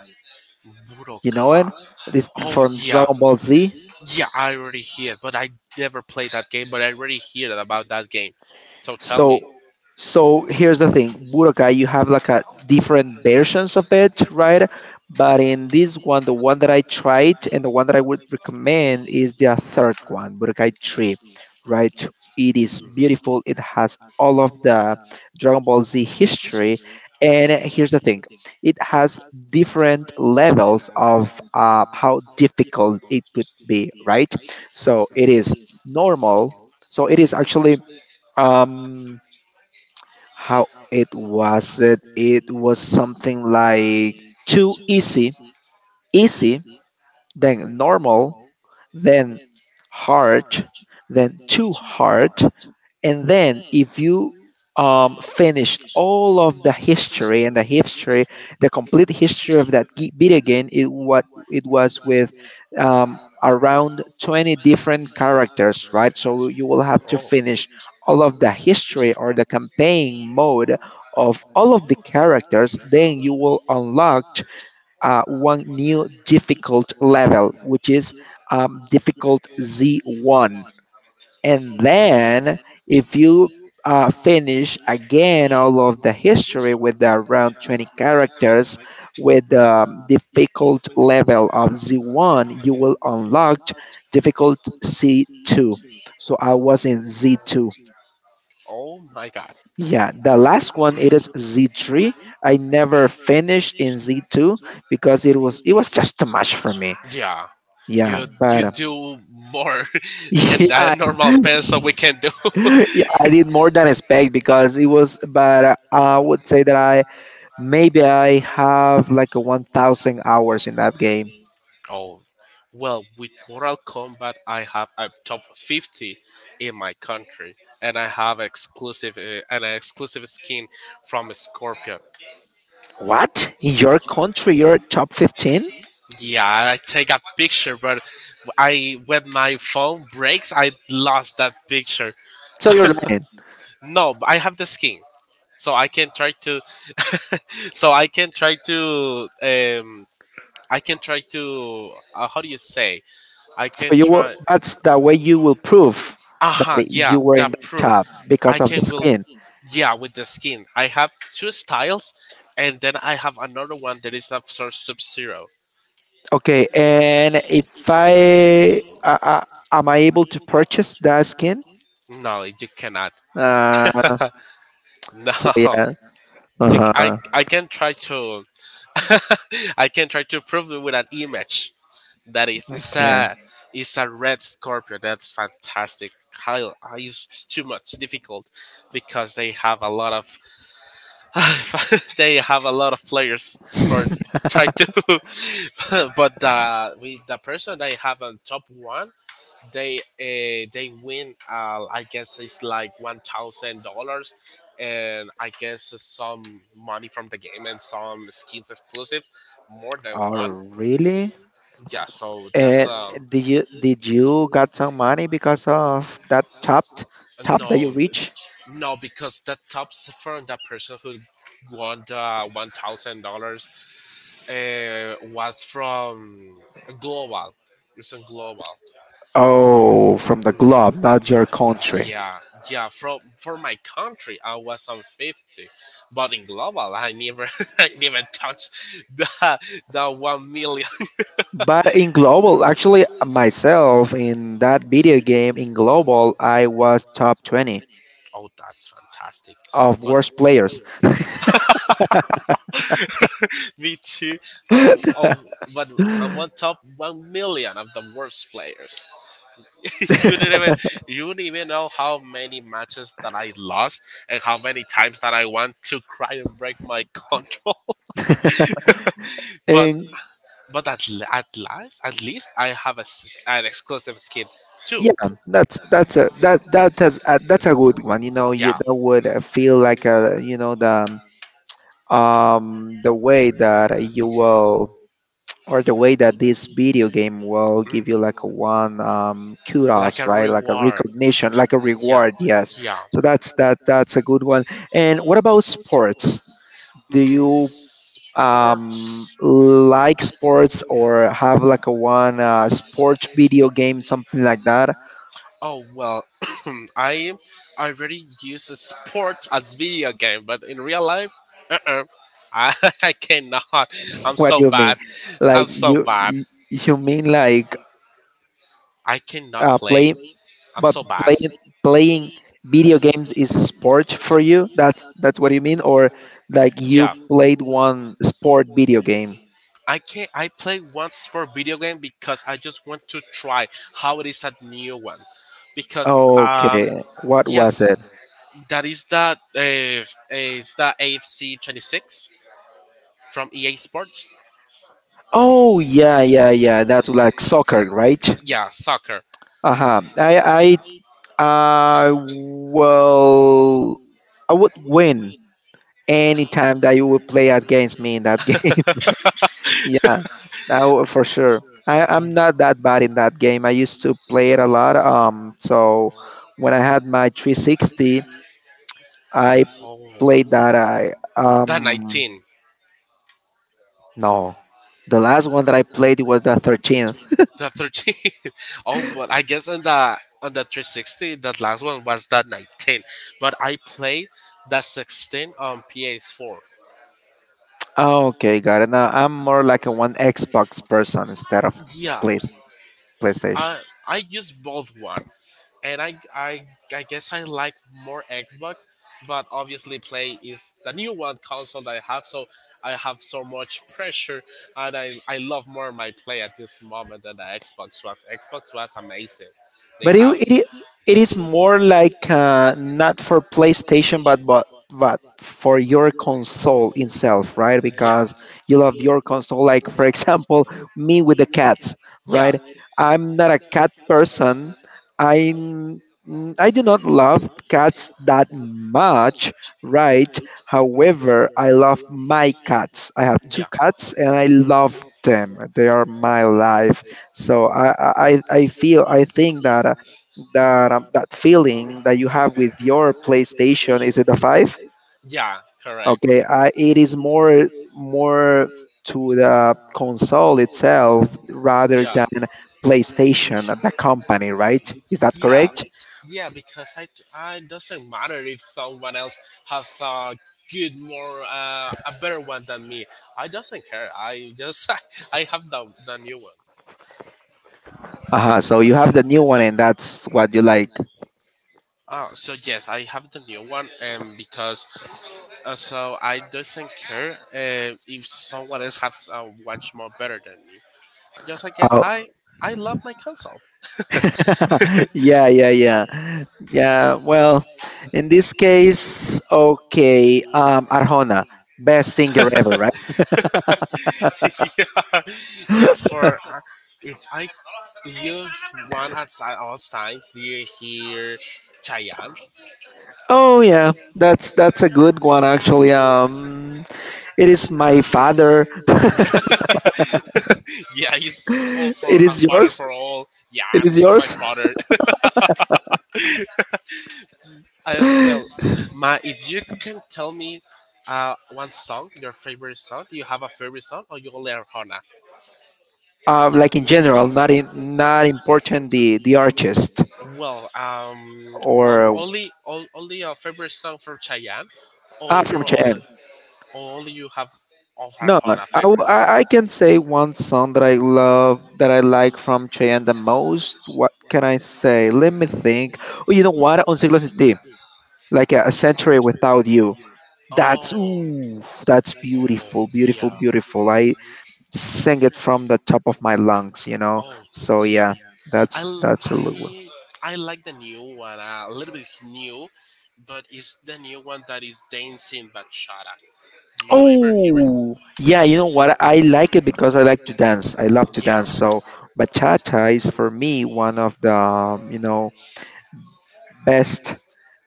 A: You know it?
B: Budokai.
A: This
B: Oh
A: from
B: yeah,
A: Dragon Ball Z.
B: yeah. I already hear, but I never played that game. But I already hear about that game. So tell me.
A: So so here's the thing, Budokai, you have like a different versions of it, right? But in this one, the one that I tried and the one that I would recommend is the third one, Budokai 3, right? It is
B: Mm,
A: beautiful. It has all of the Dragon Ball Z history. And here's the thing it has different levels of how difficult it could be, right? So
B: mhm.
A: it is normal. So it is actually. Um, how it was it? It was something like too easy, easy, then normal, then hard, then too hard, and then if you finished all of the history the complete history of that video game, it what it was with around 20 different characters, right? So you will have to
B: Oh,
A: finish all of the history or the campaign mode of all of the characters. Then you will unlock one new difficult level, which is difficult Z1 and then if you finish again all of the history with the around 20 characters with the difficult level of Z1, you will unlock difficult C2. So I was in Z2.
B: oh my God.
A: Yeah, the last one it is Z3. I never finished in Z2 because it was just too much for me.
B: Yeah,
A: Yeah,
B: you
A: but
B: do more (laughs) than
A: (laughs)
B: a
A: yeah,
B: normal person we can do.
A: (laughs) yeah, I did more than expect because it was, but I would say that I have like a 1,000 hours in that game.
B: Oh, well, with Mortal Kombat, I have a top 50 in my country, and I have exclusive an exclusive skin from Scorpion.
A: What? In your country, you're top 15?
B: Yeah, I take a picture, but I when my phone breaks, I lost that picture.
A: So you're lying.
B: No, but I have the skin, so I can try to. So I can try to. I can try to. How do you say? I
A: So
B: can
A: you will,
B: try.
A: that's the way you will prove
B: Aha,
A: that
B: yeah,
A: you were
B: the
A: in the
B: proof.
A: top
B: I
A: because of the
B: can will,
A: skin.
B: yeah, with the skin. I have two styles, and then I have another one that is of sort Sub Zero.
A: Okay, and if I, am I able to purchase that skin?
B: No, you cannot.
A: Uh,
B: (laughs) No,
A: so yeah. Uh-huh.
B: I can try to (laughs) I can try to prove it with an image. That is,
A: Okay.
B: it's a red scorpion. That's fantastic. How- It's too much difficult because they have a lot of (laughs) they have a lot of players for try to, (laughs) but with the person they have on top one, they win. I guess it's like $1,000, and I guess some money from the game and some skins exclusive, more than
A: Oh,
B: one.
A: really?
B: Yeah, so that's
A: And did you got some money because of that top that you
B: no,
A: reach?
B: no, because that top from that person who won the $1,000 was from global. It's a global.
A: Oh, from the globe,
B: Mhm.
A: not your country.
B: Yeah, yeah. From For my country, I was on 50, but in global, I never, (laughs) I never touched the the 1 million. (laughs)
A: But in global, actually, myself in that video game in global, I was top 20
B: Oh, that's fantastic!
A: of
B: But
A: worst players.
B: me too. Oh, oh, but
A: (gasps)
B: I'm on top 1 million of the worst players. (laughs) you don't even you don't even know how many matches that I lost and how many times that I want to cry and break my control. (laughs) but
A: And
B: but at l- at last at least I have an exclusive skin too.
A: yeah, that has that's a good one. You know, you,
B: Yeah,
A: that would feel like a the way that you will or the way that this video game will give you
B: mm,
A: like a one
B: like
A: kudos,
B: a
A: right? Like a
B: reward.
A: recognition, like a
B: Yeah,
A: reward, yes.
B: yeah.
A: So that that's a good one. And what about sports? Do
B: Mm,
A: you
B: sports.
A: like sports or have like a one sport video game, something like that?
B: Oh well, (clears throat) I I already use a sport as video game, but in real life, uh-uh. I, (laughs) I cannot.
A: (laughs)
B: I'm
A: What
B: so
A: do you mean?
B: bad. I'm
A: Like
B: so
A: you
B: bad.
A: you you mean like
B: I cannot play.
A: play
B: I'm
A: But
B: so bad.
A: playing playing video games is sport for you? That's what you mean, or like you
B: Yeah.
A: played one sport video game?
B: I can not I play one sport video game because I just want to try how it is a new one. Because
A: Okay, what was it?
B: yes, that uh, is the AFC 26 from EA Sports.
A: Oh, yeah, yeah, yeah. That's like soccer, right?
B: Yeah, soccer.
A: Uh-huh. I uh well I would win any time that you would play against me in that (laughs) game.
B: (laughs)
A: Yeah, now for sure. I'm not that bad in that game. I used to play it a lot. So when I had my 360, I played
B: Oh,
A: that. I
B: the 19.
A: No, the last one that I played was the 13th. (laughs)
B: The 13. (laughs) Oh, but I guess on the 360, that last one was the 19. But I played the 16 on PS4.
A: Oh, okay, got it. Now I'm more like a one Xbox person instead of
B: Yeah,
A: PlayStation.
B: I I use both one, and I guess I like more Xbox, but obviously Play is the new one console that I have so much pressure, and I love more my Play at this moment than the Xbox was. Xbox was amazing. They
A: But
B: have.
A: it is more like not for PlayStation, but but for
B: For
A: your
B: your
A: console
B: console
A: itself,
B: itself,
A: right?
B: right? Yeah.
A: Because
B: As
A: you love your console. Like for example, me with the cats,
B: yeah
A: right?
B: like
A: I'm not a cat person. I I do not love cats that much, right?
B: a
A: However, I
B: web
A: love
B: allows
A: my cats. I
B: maps
A: have
B: and yeah
A: two cats, and
B: tools
A: I
B: and
A: love
B: now
A: them. They are my life. So I feel, I think that that feeling that you have with your PlayStation, is it the five?
B: yeah correct
A: Okay, it is more to the console itself
B: the
A: rather
B: yeah whole
A: than
B: cabinet,
A: PlayStation, the company, right? Is that
B: yeah
A: correct?
B: correct? Yeah, because I doesn't matter if someone else has a good more a better one than me, I doesn't care, I just (laughs) I have the new one.
A: Uh huh. So you have the new one, and that's what you like.
B: Ah, so yes, I have the new one, and because so I doesn't care if someone else has much more better than me. Just I guess I love my console.
A: (laughs) Yeah, yeah, yeah, yeah. Well, in this case, okay, Arjona, best singer ever, right?
B: (laughs) Yeah, yeah. For if I you one at si- all time, do you hear Chayan? (laughs)
A: Oh, yeah, that's a good one actually. It is my father.
B: Yeah, he's all
A: (laughs)
B: for
A: It
B: a
A: is
B: father
A: yours.
B: for all. Yeah,
A: It
B: I'm
A: is
B: he's my
A: yours.
B: father. (laughs) Well,
A: (laughs)
B: my if you can tell me. One song, your favorite song? Do you have a favorite song, or you only are Hana?
A: Like in general, not, in not important the artist,
B: Well,
A: or
B: only your favorite song from Chayanne, or
A: ah, from
B: your only
A: Cheyenne.
B: or only you have of
A: No,
B: Arjona,
A: I, w- I can say one song that I love, that I like from Cheyenne the most. What can I say? Let me think. Oh, you know what? On Siglo Sin Ti, like a century without you. That's ooh, that's beautiful, beautiful, beautiful. I sing it
B: yeah.
A: from the top of my lungs.
B: Oh
A: So
B: yeah,
A: yeah,
B: I l-
A: that's a little.
B: I like the new one, a little bit new, but it's the new one that is dancing bachata. Do you ever hear it?
A: Oh, yeah, you
B: Yeah,
A: know what? I like it because I like to dance. I love to
B: yeah,
A: dance. So bachata is for me one of the, best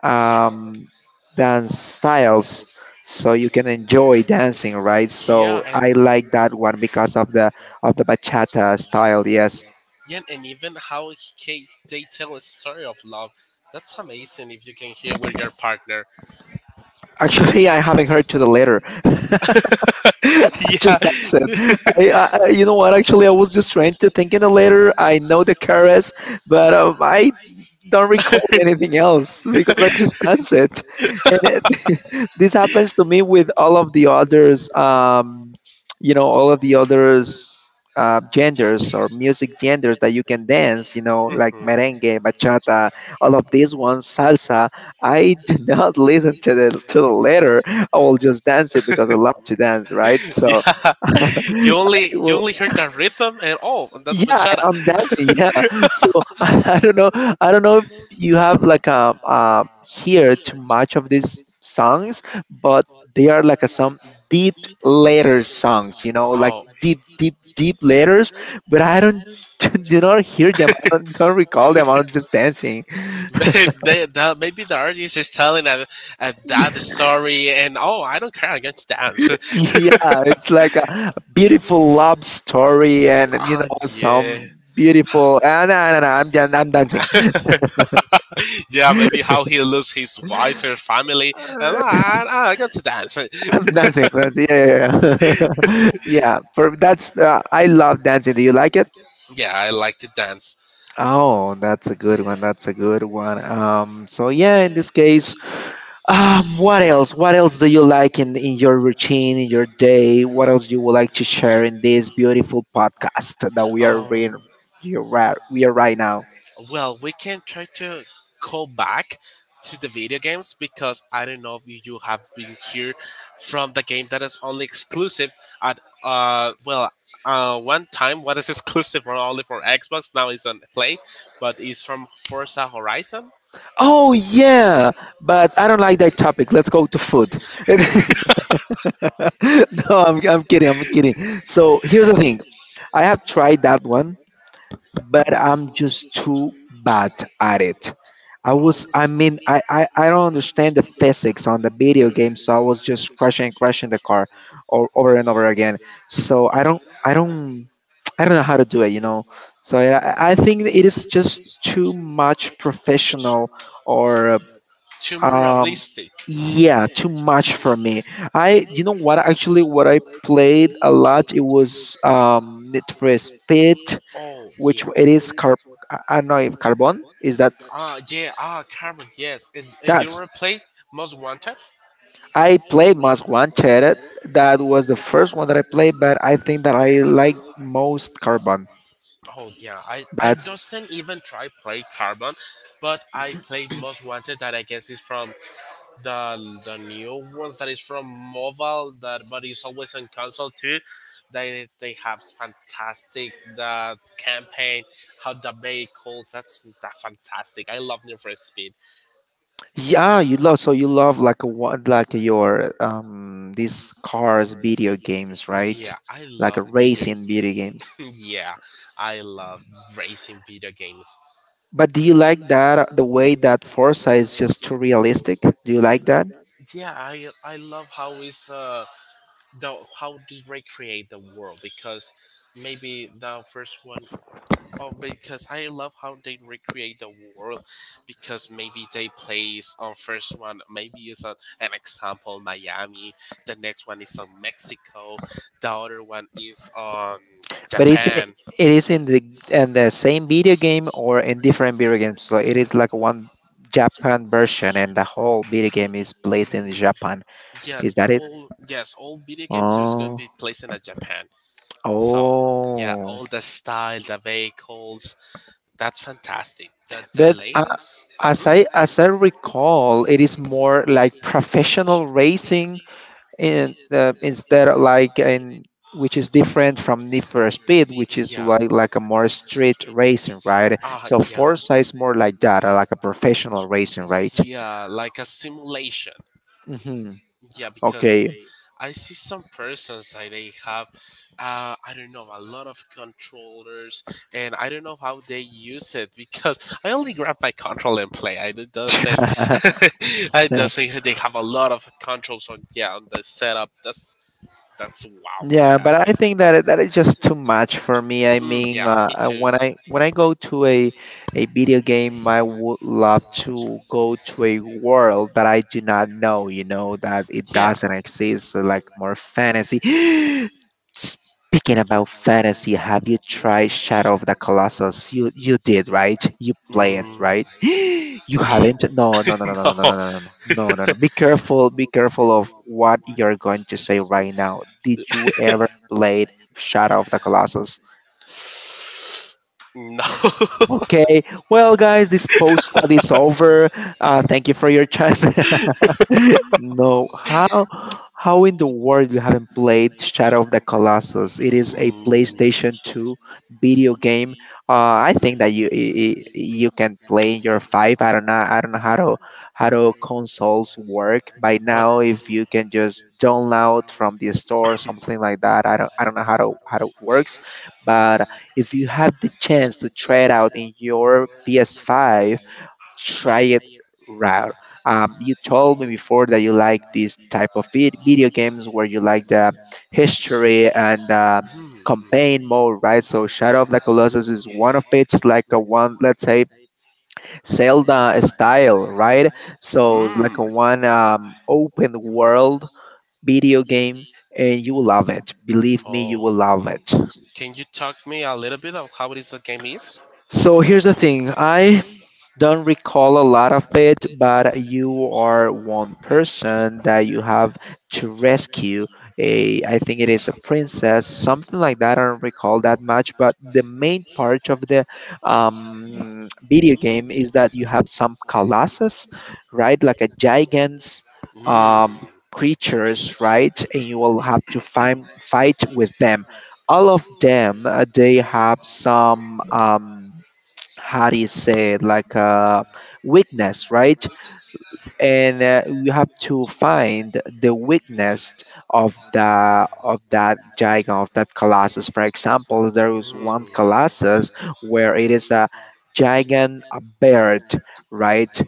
A: um, dance styles so you can enjoy dancing, right?
B: yeah,
A: So I
B: and
A: like that one because of the bachata style, yes.
B: yeah, and even how they tell a story of love. That's amazing if you can hear with your partner.
A: Actually, (laughs) I haven't heard to the later. (laughs) (laughs) I
B: (laughs) Yeah.
A: just nice it. You know what? Actually, I was just trying to think in the letter. I know the KRS, but I don't recall anything else because I just dance it. And it, (laughs) this happens to me with all of the others. All of the others. Genders or music genders that you can dance, like merengue, bachata, all of these ones, salsa. I do (laughs) not listen to the letter. I will just dance it because I
B: Mhm. (laughs)
A: love to dance, right?
B: (laughs)
A: So
B: Yeah,
A: (laughs)
B: (laughs)
A: I
B: you
A: will,
B: only heard that rhythm and oh, and that's
A: yeah,
B: bachata.
A: I'm dancing, yeah. So (laughs) I don't know if you have like hear too much of these songs, but they are like a, some deep layer songs, like
B: Oh,
A: deep, deep, deep layers. But I don't (laughs) do not hear them. I don't recall them. I'm just dancing.
B: (laughs) maybe the artist is telling a dad
A: (laughs)
B: story and oh, I don't care, I'm going to dance.
A: Yeah, it's like a beautiful love story, and you
B: Oh
A: know
B: yeah.
A: some beautiful. Ah, no, no, no, I'm done. I'm dancing.
B: (laughs) Yeah, maybe how he loses his wife, her family, and I got to dance.
A: (laughs) I'm dancing. I'm dancing. Yeah, yeah, yeah. (laughs) Yeah. For that's I love dancing. Do you like it?
B: Yeah, I like to dance.
A: Oh, that's a good one. That's a good one. So yeah, in this case, what else? What else do you like in your routine, in your day? What else you would like to share in this beautiful podcast that we are in?
B: Um,
A: You are we are right now.
B: Well, we can try to go back to the video games because I don't know if you have been here from the game that is only exclusive at one time what is exclusive for only for Xbox now is on play, but it's from Forza Horizon.
A: Oh yeah, but I don't like that topic. Let's go to food. (laughs) No, I'm kidding. I'm kidding. So here's the thing. I have tried that one, but I'm just too bad at it. I was
B: Oh.
A: I mean I don't understand the physics on the video game, so I was just crashing and crashing the car over and over again. So I don't I don't know how to do it. So I think it is just too much professional or
B: Too more
A: um,
B: realistic.
A: yeah, too much for me. You know what? Actually, what I played a lot it was Need for Speed,
B: Oh
A: which
B: yeah.
A: it is car. I don't know if Carbon is that.
B: Ah, yeah, ah, Cameron, yes. And you
A: That's
B: ever play Most Wanted?
A: I played Most Wanted. That was the first one that I played, but I think that I like most Carbon.
B: Oh, yeah, I
A: That's
B: doesn't even try play Carbon, but I play Most Wanted that I guess is from the new ones that is from mobile that but is always on console too. They have fantastic the campaign, how the vehicles. That's fantastic. I love Need for Speed.
A: yeah, you love, so you love like a one like your these cars video games, right?
B: Yeah, I
A: Like
B: love
A: a
B: video. (laughs) Games.
A: racing video games.
B: Yeah, I love racing video games.
A: But do you like that the way that Forza is just too realistic? Do you like that?
B: Yeah, I love how is the how they recreate the world, because maybe the first one, oh, because I love how they recreate the world because maybe they place on first one maybe is an example Miami, the next one is on Mexico, the other one is on
A: But it
B: Japan.
A: is in the same video game or in different video games. So it is like one Japan version, and the whole video game is placed in Japan.
B: Mm, yeah,
A: Is that it?
B: all yes, all video games is going to
A: Oh,
B: be placed in Japan. So yeah,
A: oh.
B: all the style, the vehicles, that's fantastic. The
A: But
B: latest,
A: as I recall, it is more like professional racing in instead of like in which is different from Need for Speed, which is
B: yeah,
A: like a more street racing, right?
B: ah,
A: So
B: yeah,
A: Forza is more like that, like a professional racing, right?
B: yeah, like a simulation.
A: Hmm.
B: Yeah, because
A: Okay.
B: I see some persons like they have, I don't know, a lot of controllers, and I don't know how they use it because I only grab my control and play. I it doesn't,
A: (laughs)
B: (laughs) I doesn't. They have a lot of controls on, yeah, on the setup. That's, wow,
A: Yeah, but I
B: fantastic.
A: think that that is just too much for me. I
B: Mm,
A: mean,
B: yeah, me too.
A: when I go to a video game, I would love to go to a world that I do not know. You know that it
B: Yeah.
A: doesn't exist, so like more fantasy. (gasps) Speaking about fantasy, have you tried Shadow of the Colossus? You
B: (laughs)
A: you did, right? You play it,
B: Mm.
A: right? (gasps) You
B: Eh,
A: haven't? No, no, no,
B: (laughs)
A: no, no, no, no, no,
B: no.
A: no, no,
B: (laughs)
A: no, no, no. Be careful of what you're going to say right now. Did you ever played Shadow of the Colossus?
B: No. (laughs)
A: Okay. Well, guys, this postcard is over. Thank you for your time. (laughs) No, how in the world you haven't played Shadow of the Colossus? It is a
B: Mm,
A: PlayStation 2 video game. I think that you can play in your five. I don't know. I don't know how to consoles work by
B: but
A: now. If you can just download from the store, something like that. I don't know how to how it works, but if you have the chance to try it out in your PS5, try it out. You told me before that you like this type of video games where you like the history and
B: hmm.
A: campaign mode, right? So Shadow of the Colossus is one of its like a one, let's say Zelda style, right? So it's like a
B: Hmm. Mm.
A: one open world video game, and you will love it. Believe me, you
B: Oh,
A: will love it.
B: can you talk me a little bit of how it is the game is?
A: So here's the thing. I don't recall a lot of it, but you are one person that you have to rescue a, I think it is a princess, something like that. I don't recall that much, but the main part of the video game is that you have some colossus, right? Like a gigants, um,
B: Mm.
A: creatures, right? And you will have to find, fight with them. All of them, they have some. How do you say it, like a weakness, right? And you have to find the weakness of the of that giant, of that colossus. For example, there is one
B: Mm.
A: colossus where it is a giant a bird, right?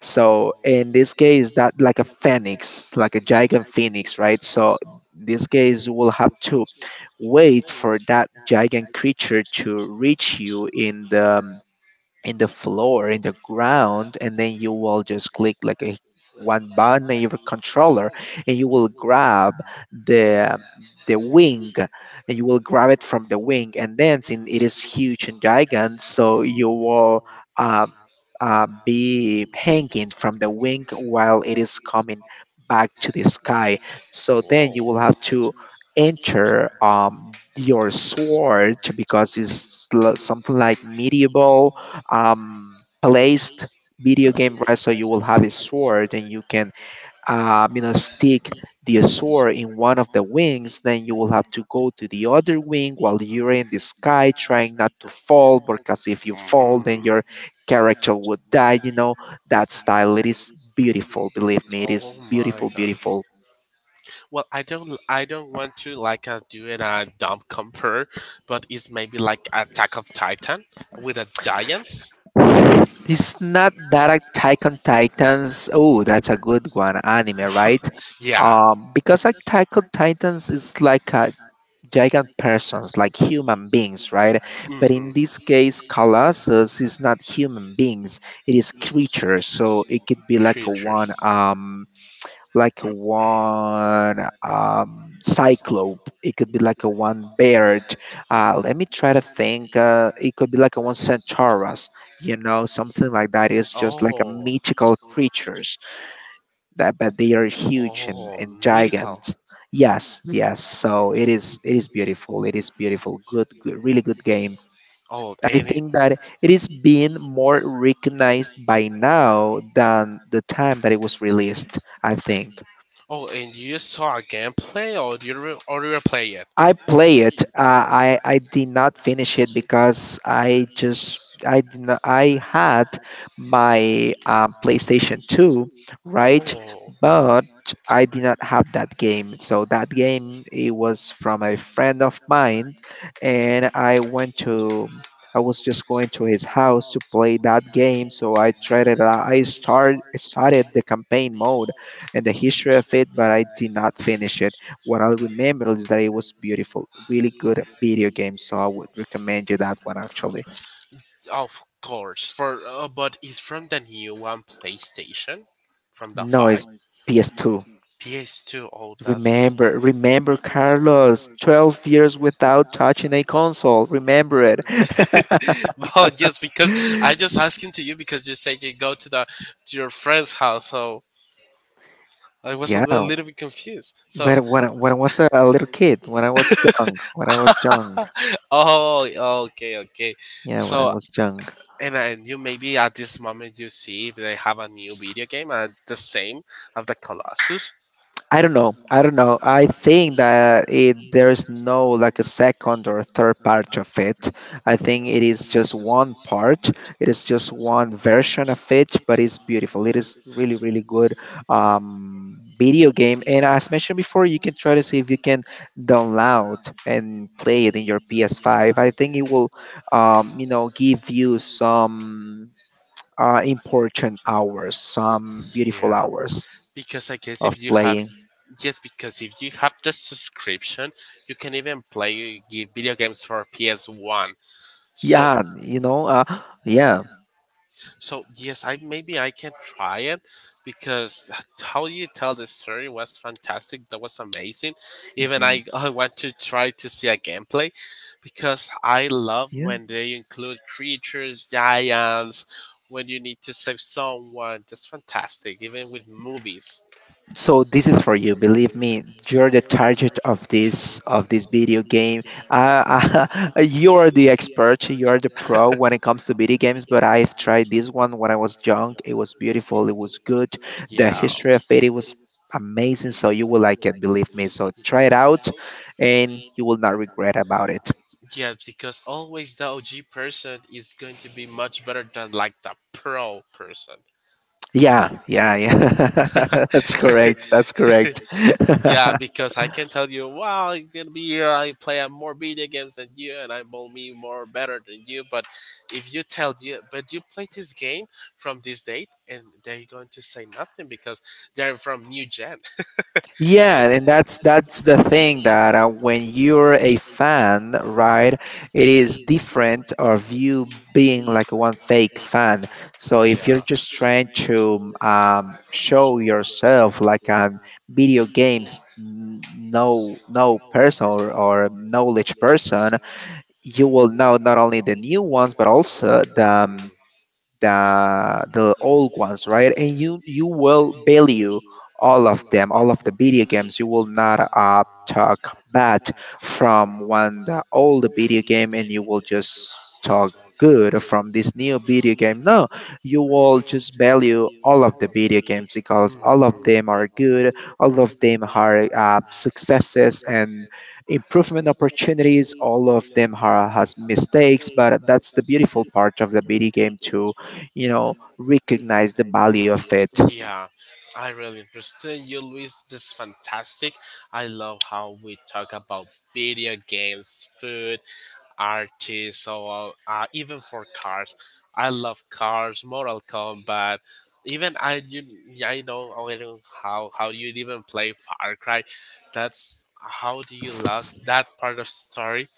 A: So in this case that like a phoenix, like a giant phoenix, right? So in this case you will have to wait for that giant creature to reach you in the floor, in the ground, and then you will just click like a one button on your controller, and you will grab the the wing, and you will grab it from the wing, and then since it is huge and gigant, so you will uh, be hanging from the wing while it is coming back to the sky. So then you will have
B: Oh.
A: to enter your sword because it's something like medieval placed video game wrestler. You will have a sword, and you can stick the sword in one of the wings. Then you will have to go to the other wing while you're in the sky, trying not to fall, because if you fall, then your
B: Mm.
A: character would die. You know that style. It is beautiful. Believe me, it is
B: Oh my
A: beautiful,
B: god.
A: beautiful.
B: Well, I don't want to like do it a dumb compare, but it's maybe like Attack of Titan with a giants.
A: It's not that like Attack on Titans. Oh, that's a good one, anime, right?
B: Yeah.
A: Because like Attack on Titans is like a giant persons, like human beings, right? But in this case, Colossus is not human beings; it is creatures. So it could be like a one. Like a one cyclope, it could be like a one beard, let me try to think, it could be like a one centaurus, you know, something like that. It's just like a
B: Oh,
A: mythical creatures, that but they are huge and
B: that.
A: giant. Yes, yes, so it is beautiful, it is beautiful. Good, good, really good game.
B: Oh,
A: I
B: and it,
A: think that it is being more recognized by now than the time that it was released, I think.
B: oh, and you just saw a gameplay, or you or you play it, right?
A: I play it. I did not finish it because I just I did not, I had my PlayStation 2, right?
B: Oh,
A: But I did not have that game. So that game it was from a friend of mine, and I was just going to his house to play that game. So I tried it out. I start started the campaign mode and the history of it, but I did not finish it. What I remember is that it was beautiful, really
B: mm,
A: good at video games, so I would recommend you that one actually.
B: of course, for but it's from the new one PlayStation, from the
A: No,
B: five.
A: it's PS2.
B: PS2. Oh, good, that's
A: Remember,
B: (laughs)
A: remember, Carlos, 12 years without touching a console. Remember it.
B: well, yes, because I
A: (laughs)
B: just asking to you because you said you go to the to your friend's house, so I was a
A: Yeah,
B: little bit confused. So,
A: but when I was a little kid, when I was young,
B: (laughs) oh, okay, okay.
A: yeah, when I
B: So,
A: was young.
B: and you maybe at this moment you see if they have a new video game and the same of the Colossus.
A: I don't know. I don't know. I think that there is no like a second or third part of it. I think it is just one part. It is just one version of it, but it's beautiful. It is really, really good video game. And as mentioned before, you can try to see if you can download and play it in your PS5. I think it will, give you some important hours, some beautiful
B: Yeah,
A: hours
B: because I guess
A: of
B: if you have,
A: playing.
B: just because if you have the subscription, you can even play video games for PS One. So,
A: Yeah, you know, yeah,
B: so yes, I maybe I can try it because how you tell the story was fantastic. That was amazing. Even
A: mhm,
B: I want to try to see a gameplay because I love
A: yeah.
B: when they include creatures, giants. When you need to save someone, that's fantastic. Even with movies.
A: So this is for you. Believe me, you're the target of this video game. Uh, (laughs) you're the expert. You're the pro when it comes to video games. But I've tried this one when I was young. It was beautiful. It was good. The
B: Yeah.
A: history of it, it was amazing. So you will like it. Believe me. So try it out, and you will not regret about it.
B: Yeah, because always the OG person is going to be much better than like the pro person.
A: Yeah, yeah, yeah. (laughs) That's correct. That's correct. (laughs)
B: Yeah, because I can tell you, wow, I'm gonna be here. I play more video games than you, and I'm only more better than you. But if you tell you, but you play this game from this date, and they're going to say nothing because they're from new gen.
A: Yeah, and that's the thing that, when you're a fan, right, it is different of you being like one fake fan.
B: (laughs)
A: So
B: So
A: if
B: yeah.
A: you're just trying to show yourself like on video games, no, no person, or knowledge person, you will know not only the new ones but also the the old ones, right? And you will value all of them, all of the video games. You will not talk bad from one the old video game, and you will just talk good from this new video game. No, you will just value all of the video games because all of them
B: Hmm.
A: are good. All of them are successes and improvement opportunities. All of them are, has mistakes, but that's the beautiful part of the video game too. You know, recognize the value of
B: Mm.
A: it.
B: Yeah, I really understand you, Luis. This is fantastic. I love how we talk about video games, food, artists, or even for cars. I love cars, Mortal Kombat. Even yeah, I know already how you even play Far Cry. That's how do you last that part of story?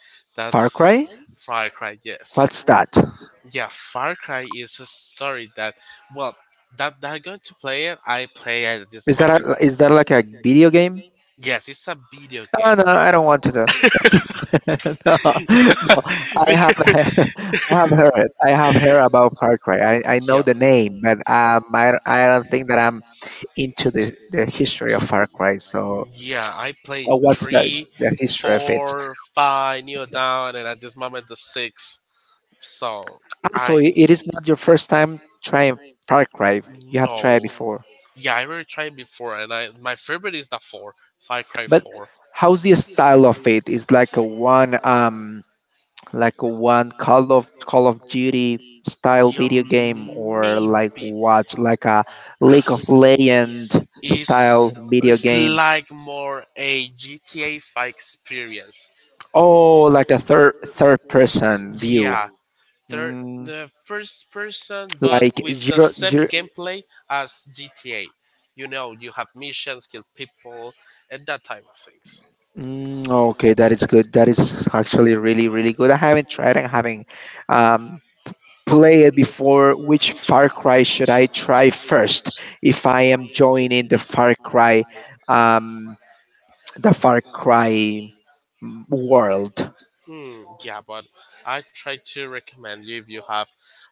A: Far
B: That's
A: Cry?
B: Far Cry. Yes,
A: What's that?
B: yeah, Far Cry is a story that well, that I'm going to play it. I play it at this
A: Is that
B: moment.
A: a, is that like a video game?
B: Yes, it's a video
A: Oh
B: game.
A: no, no, I don't want to know. (laughs) No, no, I have (laughs) I
B: (laughs)
A: have heard, I have heard about Far Cry. I
B: Yeah.
A: know the name, but I don't think that I'm into the history of Far Cry. So
B: Mm, yeah, I play
A: what's
B: three
A: the history of it?
B: four five kneel down, and at this moment the 6, so
A: Ah, so
B: I,
A: it is not your first time trying Far Cry. You have tried
B: no,
A: before.
B: yeah, I already tried before, and I, my favorite is the 4, far cry
A: But
B: four
A: how's the style of it? Is like a one Call of Duty style
B: Yeah,
A: video game, or like
B: maybe.
A: what, like a League of Legend style video
B: It's
A: game?
B: like more a GTA 5 experience.
A: Oh, like a third person view.
B: Yeah, third,
A: Mm,
B: the first person, but
A: like
B: with the
A: zero,
B: same
A: zero,
B: gameplay as GTA. You know, you have missions, kill people, and that type of things.
A: mm, okay, that is good. That is actually really really good. I haven't tried. I haven't um play it before. Which Far Cry should I try first if I am joining the Far Cry, um the Far Cry world?
B: Hmm, yeah, but I try to recommend you if you have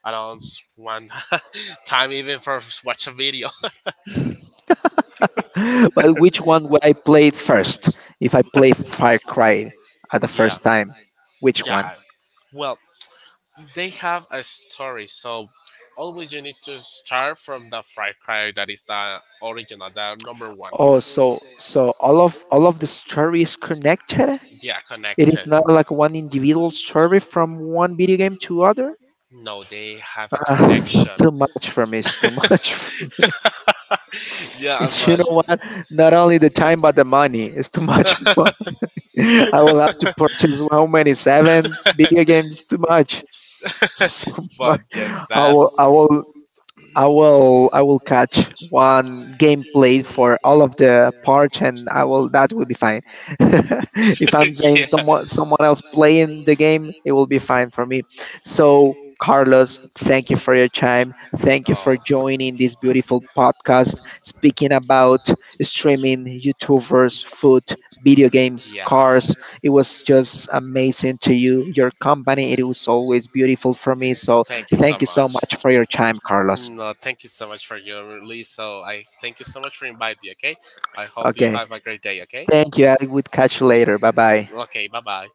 B: around one (laughs) time, even for watch a video. (laughs)
A: (laughs) But which one would I play it first if I play Far Cry at the
B: Yeah,
A: first time? Which one?
B: yeah, well, they have a story, so always you need to start from the fry cry that is the original, the number 1.
A: Oh, so so all of the story is connected.
B: Yeah,
A: It is
B: connected.
A: not like one individual story from one video game to other.
B: No, they have a
A: Ah, it's
B: connection.
A: too much for me. It's too
B: (laughs)
A: much. (laughs) (laughs)
B: Yeah,
A: You
B: but
A: know what? Not only the time, but the money. It's too much. (laughs)
B: (laughs)
A: I will have to purchase how many? Seven video games? Too much. (laughs) So
B: but
A: much.
B: yes,
A: I will. I
B: that's
A: will. I will catch one gameplay for all of the parts, and I will, that will be fine. (laughs) If I'm
B: (laughs)
A: saying
B: yeah.
A: someone else playing the game, it will be fine for me. So Carlos, thank you for your time. Thank you for
B: Oh.
A: joining this beautiful podcast speaking about streaming, YouTubers, food, video games,
B: Yeah,
A: cars. It was just amazing to you, your company. It was always beautiful for me. So
B: thank you so
A: thank you so
B: much.
A: much for your time, Carlos.
B: No, thank you so much for your release. So I thank you so much for inviting me. Okay, I hope you
A: Okay.
B: have a great day. Okay,
A: Thank you. I would catch you later. Bye bye.
B: okay, bye bye.